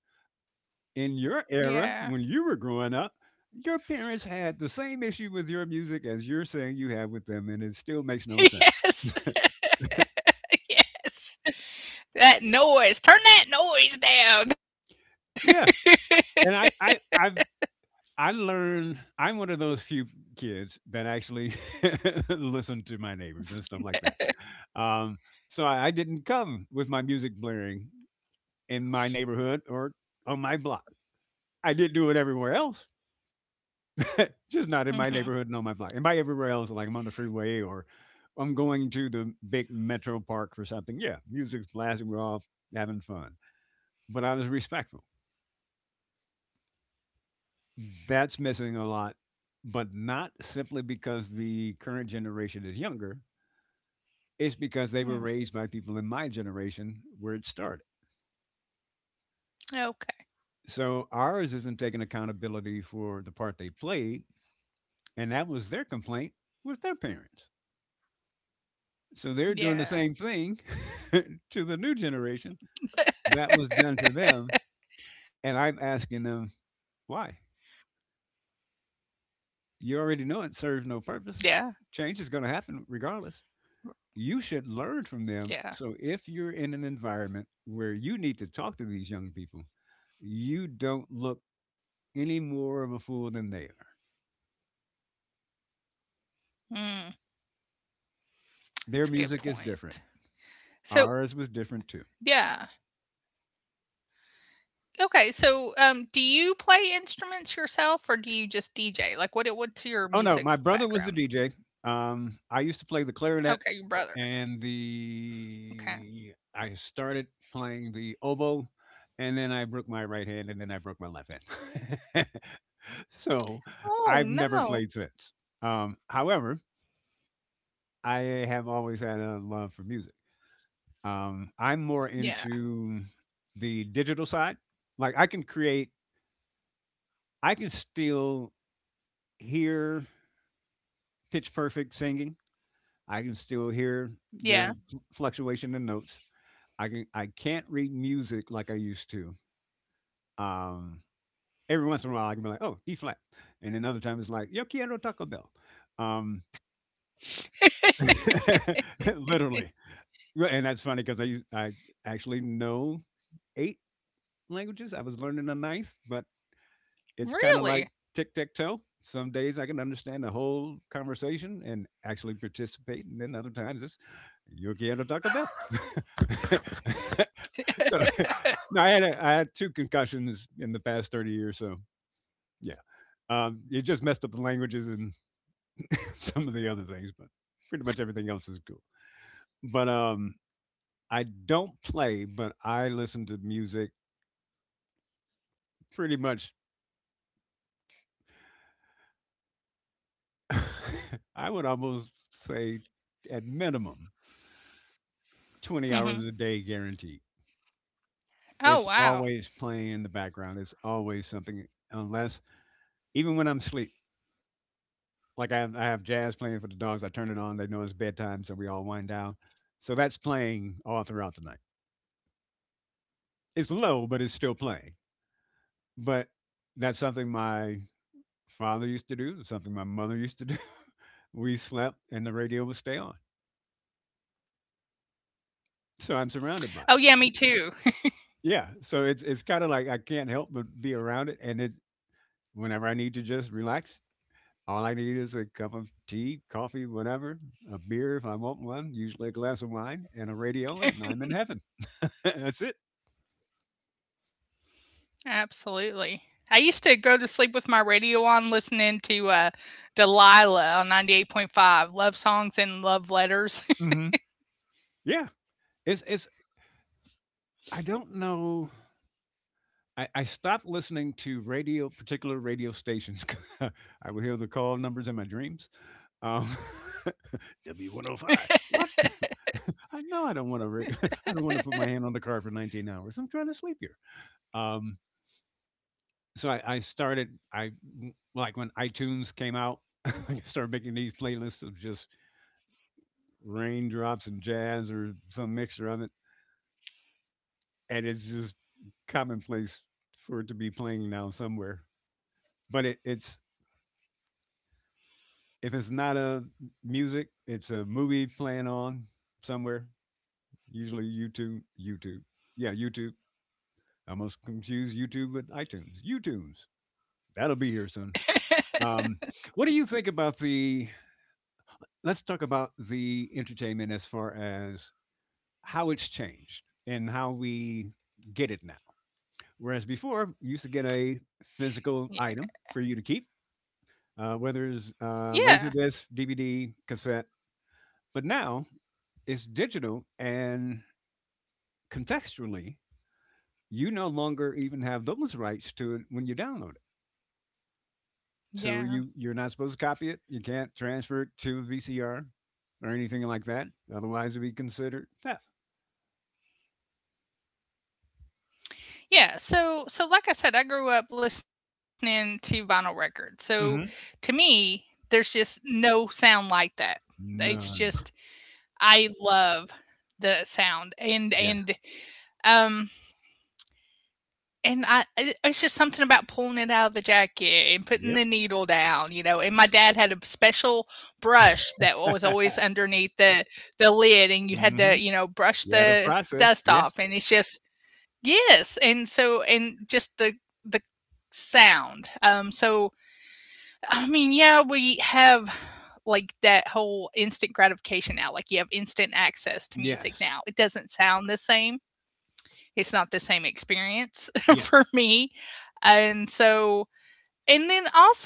in your Yeah. era, when you were growing up, your parents had the same issue with your music as you're saying you have with them, and it still makes no [LAUGHS] sense. Yes, [LAUGHS] yes. That noise. Turn that noise down. Yeah. And I learned I'm one of those few kids that actually [LAUGHS] listen to my neighbors and stuff like that. Um, so I didn't come with my music blaring in my neighborhood or on my block. I did do it everywhere else, [LAUGHS] just [LAUGHS] not in my mm-hmm. neighborhood and on my block. And by everywhere else, like I'm on the freeway or I'm going to the big metro park for something. Yeah, music's blasting. We're all having fun. But I was respectful. That's missing a lot, but not simply because the current generation is younger. It's because they were Mm. raised by people in my generation where it started. Okay. So ours isn't taking accountability for the part they played, and that was their complaint with their parents. So they're doing the same Yeah. thing [LAUGHS] to the new generation that was done to them, and I'm asking them why. You already know it serves no Yeah. purpose. Change is going to happen regardless. You should learn from them. Yeah. So if you're in an environment where you need to talk to these young people, you don't look any more of a fool than they are. Mm. That's a good Their music is point. different. So, Ours was different too. yeah. Okay. So, do you play instruments yourself, or do you just DJ? Like, what? What's your Oh no, my music brother was the background? DJ. I used to play the clarinet Okay. Your brother. and Okay. the I started playing the oboe, and then I broke my right hand, and then I broke my left hand. [LAUGHS] So Oh, I've never played no. since. However, I have always had a love for music. I'm more Yeah. into the digital side. Like I can still hear pitch perfect singing. I can still hear the Yeah. Fluctuation in notes. I can't read music like I used to. Um, every once in a while, I can be like, "Oh, E flat," and then other time it's like, "Yo quiero Taco Bell," um, [LAUGHS] literally. Well, and that's funny because I actually know 8 languages. I was learning a ninth, but it's kind of like Really? tic tac toe. Some days I can understand the whole conversation and actually participate, and then other times it's you can't talk about. [LAUGHS] So no, I had two concussions in the past 30 years. So yeah, it just messed up the languages and [LAUGHS] some of the other things, but pretty much everything else is cool. But I don't play, but I listen to music pretty much. [LAUGHS] I would almost say at minimum 20 hours a Hmm. day guaranteed. It's Oh, always wow. playing in the background. It's always something, unless even when I'm asleep. Like I have jazz playing for the dogs. I turn it on. They know it's bedtime, so we all wind down. So that's playing all throughout the night. It's low, but it's still playing. But that's something my father used to do. Something my mother used to do. [LAUGHS] We slept, and the radio would stay on. So I'm surrounded by it. Oh, yeah. Me too. Yeah. So it's kind of like I can't help but be around it. And it Whenever I need to just relax, all I need is a cup of tea, coffee, whatever, a beer if I want one, usually a glass of wine, and a radio, and I'm in heaven. [LAUGHS] That's it. Absolutely. I used to go to sleep with my radio on listening to, Delilah on 98.5, love songs and love letters. Mhm. Yeah. It's I don't know. I stopped listening to radio, particular radio stations. [LAUGHS] I would hear the call numbers in my dreams. Um, [LAUGHS] W105. What? [LAUGHS] I know I don't want to. [LAUGHS] I don't want to put my hand on the car for 19 hours. I'm trying to sleep here. Um, So I like, when iTunes came out, [LAUGHS] I started making these playlists of just raindrops and jazz or some mixture of it, and it's just commonplace for it to be playing now somewhere. But it it's if it's not a music, it's a movie playing on somewhere, usually YouTube. Yeah, YouTube. I almost confuse YouTube with iTunes. YouTunes. That'll be here soon. Um, what do you think about the Let's talk about the entertainment as far as how it's changed and how we get it now. Whereas before, you used to get a [LAUGHS] Ye physical item for you to keep, whether it's yeah. Laser disc, DVD, cassette. But now it's digital and, contextually, you no longer even have those rights to it when you download it. So Yeah. you're not supposed to copy it. You can't transfer it to a VCR or anything like that. Otherwise, it would be considered theft. Yeah, so so like I said, I grew up listening to vinyl records, so to Mhm. me, there's just no sound like that. It's just None. I love the sound, and, Yes. um and I it's just something about pulling it out of the jacket and putting Yep. the needle down, you know, and my dad had a special brush that was always underneath the lid, and you had to, Mhm. you know, brush Yeah, the the process. dust off, Yes. and it's just Yes, and so and just the the sound. So, I mean, yeah, we have, like, that whole instant gratification now, like, you have instant access to music now. Yes. It doesn't sound the same, it's not the same experience [LAUGHS] Yes. for me. And so, and then also,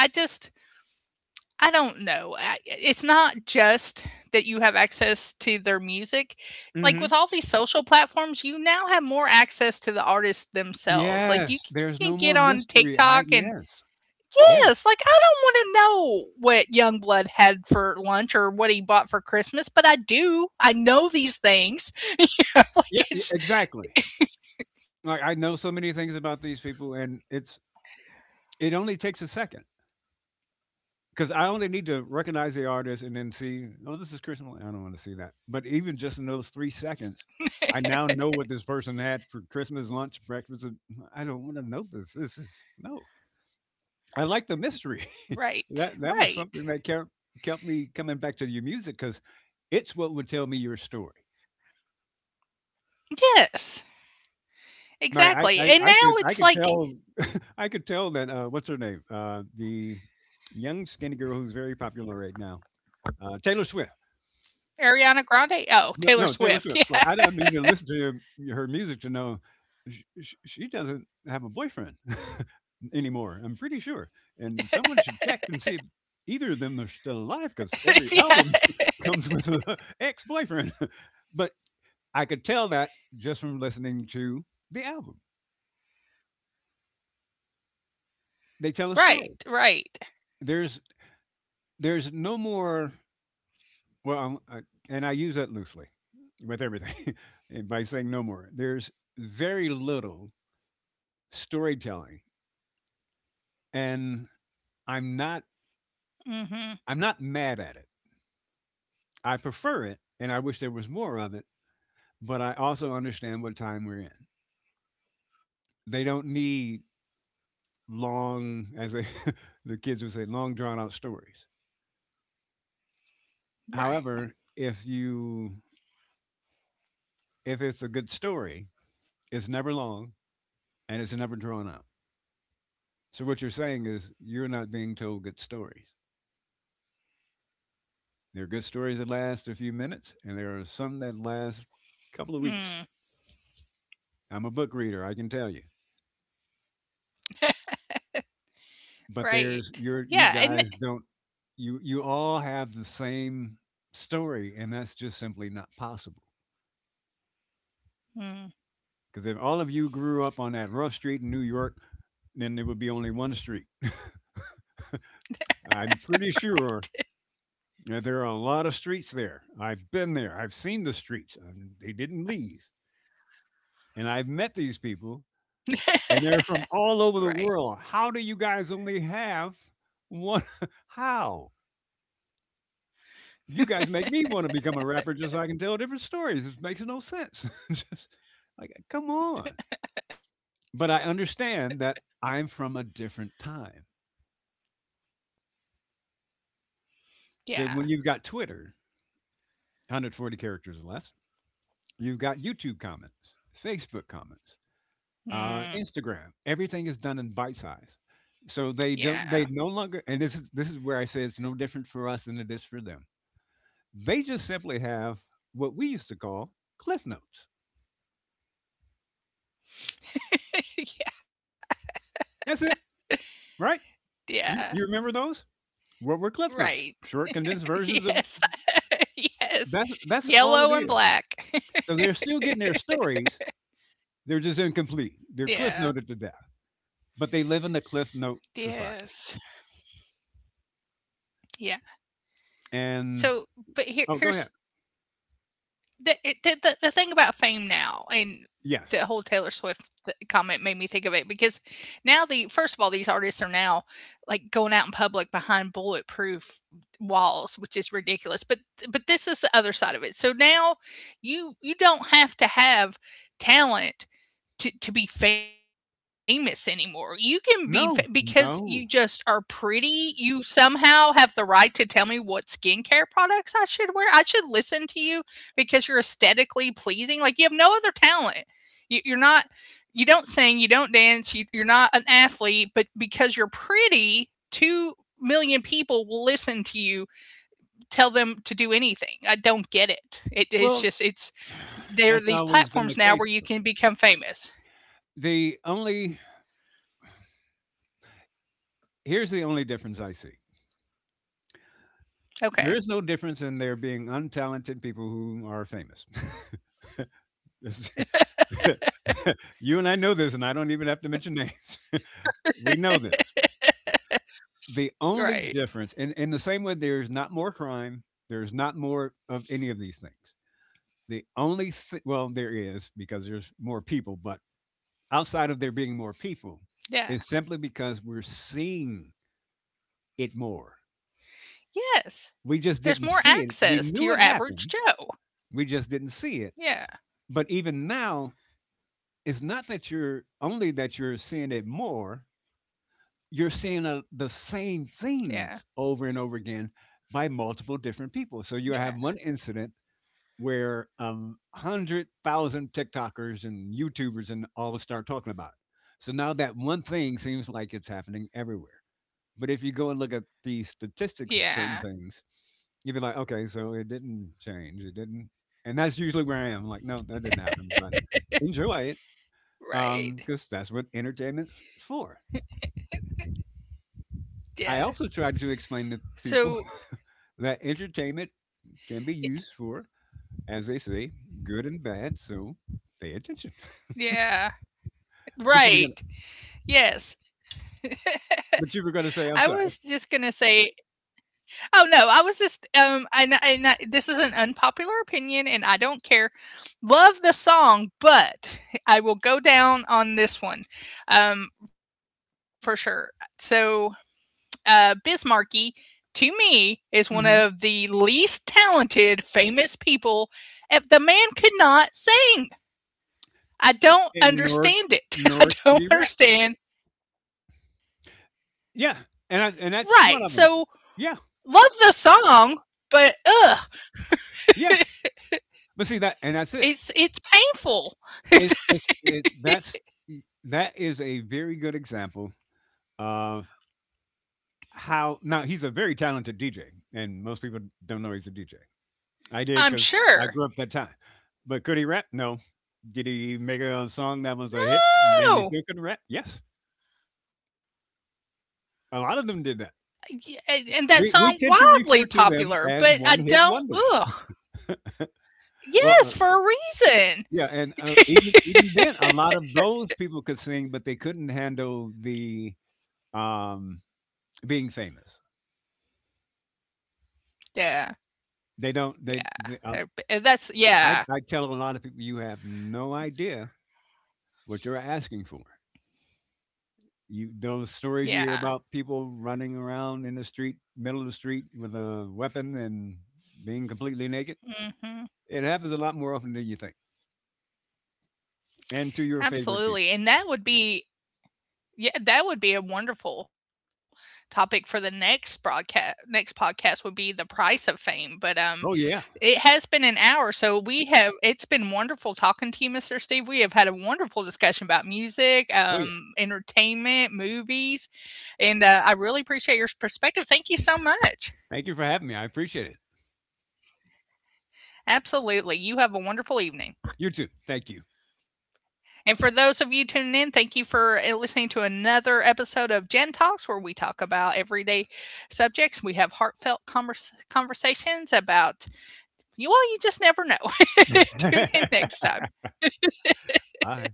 I just, I don't know. It's not just that you have access to their music. Like Mhm. with all these social platforms, you now have more access to the artists themselves. Like Yes. you can There's get no on more mystery. TikTok and I Yes. yes, Yes. like I don't want to know what Youngblood had for lunch or what he bought for Christmas, but I do. I know these things. [LAUGHS] You know, Yeah, like e it's exactly. Like, I know so many things about these people, and it's it only takes a second, because I only need to recognize the artist and then see, oh, this is Chris. I'm like, I don't want to see that. But even just in those 3 seconds, I now know what this person had for Christmas, lunch, breakfast. And, "Mm, I don't want to know this. This is no. I like the right, mystery." [LAUGHS] right. That was something that kept kept me coming back to your music because it's what would tell me your story. Yes, Now, exactly, and now it's I could like tell [LAUGHS] I could tell that, what's her name, the young skinny girl who's very popular right now, Taylor Swift. Ariana Grande No, oh, no, Taylor Taylor Swift. Swift, [LAUGHS] Like, I yeah, don't need to listen to her music to know sh she doesn't have a boyfriend [LAUGHS] anymore, I'm pretty sure, and someone should check and see if either of them are still alive. Because every [LAUGHS] album yeah, [LAUGHS] comes with an ex-boyfriend. [LAUGHS] But I could tell that just from listening to the album. They tell a story. right, right, There's there's no more, well, I and I use that loosely with everything, [LAUGHS] by saying no more. There's very little storytelling, and I'm not mhm, I'm not mad at it. I prefer it and I wish there was more of it, but I also understand what time we're in. They don't need, long as they, [LAUGHS] the kids would say, long drawn out stories. right, However, if it's a good story, it's never long and it's never drawn out. So what you're saying is you're not being told good stories. There are good stories that last a few minutes and there are some that last a couple of weeks. mm, I'm a book reader, I can tell you. But there's right, you're you yeah, guys and don't, you all have the same story, and that's just simply not possible, mm, because if all of you grew up on that rough street in new york, then there would be only one street. [LAUGHS] I'm pretty sure that there are a lot of streets there. I've been there, I've seen the streets. They didn't leave, and I've met these people, and they're from all over the right, world. How do you guys only have one? [LAUGHS] How? You guys make me wanna become a rapper just so I can tell different stories. It makes no sense. [LAUGHS] Just, like, come on. But I understand that I'm from a different time. yeah, So when you've got Twitter, 140 characters or less, you've got YouTube comments, Facebook comments, mm, Instagram, everything is done in bite yeah, size. So they no longer, and this is where I say it's no different for us than it is for them. They just simply have what we used to call Cliff Notes. [LAUGHS] yeah, That's it, yeah, right? You remember those? right, What were Cliff Notes? [LAUGHS] Short, yes, condensed versions of, [LAUGHS] yes, yellow and that's all black. it is. So they're [LAUGHS] still getting their stories. They're just incomplete. Yeah, They're Cliff Noted to death, but they live in the Cliff Note yes, society. yeah, so And but here oh, go here's ahead. the, the thing about fame now, and the Yes. whole Taylor Swift comment made me think of it, because now the first of all these artists are now like going out in public behind bulletproof walls, which is ridiculous, but this is the other side of it. So now you don't have to have talent to be famous anymore. You can be fa because you No. just are No. pretty, you somehow have the right to tell me what skincare products I should wear. I should listen to you because you're aesthetically pleasing, like, you have no other talent. You're not you don't sing, you don't dance, you're not an athlete, but because you're pretty, 2,000,000 people will listen to you, tell them to do anything. I don't get it. Well, It's just it's [SIGHS] that's there are always these been the case. platforms now where you can become famous. The only Here's the only difference I see. There Okay. is no difference in there being untalented people who are famous. [LAUGHS] This- [LAUGHS] you and I know this, and I don't even have to mention names. [LAUGHS] We know this. The only Right. difference, in the same way there's not more crime, there's not more of any of these things. The only thi Well, there is because there's more people, but outside of there being more people, Yeah. is simply because we're seeing it more. Yes. We There's just more didn't see it. access to We your knew it average happened, Joe. we just didn't see it. Yeah. But even now, it's not that you're only that you're seeing it more, you're seeing, the Yeah. same things over and over again by multiple different Yeah. people. So you have one incident where 100,000 TikTokers and YouTubers and all start talking about it. So now that one thing seems like it's happening everywhere. But if you go and look at the Yeah. statistics of certain things, you'd be like, okay, so it didn't change. It didn't. And that's usually where I am. Like, no, that didn't happen, but enjoy it, Right. Because that's what entertainment's for. Yeah. I also tried to explain to So people [LAUGHS] that entertainment can be y used for, as they say, good and bad. So pay attention. yeah. But you were gonna Right. Yes. but you were [LAUGHS] gonna I say, I'm was sorry. just gonna say oh, no, I was just, and I this is an unpopular opinion, and I don't care. Love the song, but I will go down on this one, for sure. So Bismarcky, to me, is one of the Mhm. least talented famous people. If the man could not sing, I don't And understand it. [LAUGHS] nor I could he don't rap. understand. Yeah, Right. And that's So one of them. love Yeah, the song, but ugh, yeah, but see that and that's it. It's painful. It's that's that is a very good example of how now he's a very talented DJ, and most people don't know he's a DJ. I did, I'm 'cause I sure. grew up that time. But could he rap? No. Did he make a song that was a hit and he No, still couldn't rap? Yes. A lot of them did that. and that We song we tend to wildly refer to popular, them but as I one-hit don't. wonders. Ugh. Well, Yes, for a reason. yeah, and even even then, a lot of those people could sing, but they couldn't handle the um, being famous. Yeah. They don't. They. Yeah. They Uh, That's I yeah. I tell a lot of people, you have no idea what you're asking for. You, those stories you Yeah. hear about people running around in the street, middle of the street, with a weapon and being completely naked. Mhm. It happens a lot more often than you think, and to your favorite people. Absolutely, and that would be yeah, that would be a wonderful topic for the next podcast, would be the price of fame, but, Oh it yeah, has been an hour, so we have it's been wonderful talking to you, Mr. Steve. We have had a wonderful discussion about music, oh yeah. entertainment, movies, and, I really appreciate your perspective. Thank you so much. Thank you for having me. I appreciate it. Absolutely. You have a wonderful evening. You too. Thank you. And for those of you tuning in, thank you for listening to another episode of Gen Talks, where we talk about everyday subjects. We have heartfelt conversations about, you well, you just never know. [LAUGHS] Tune in next time. [LAUGHS] Bye.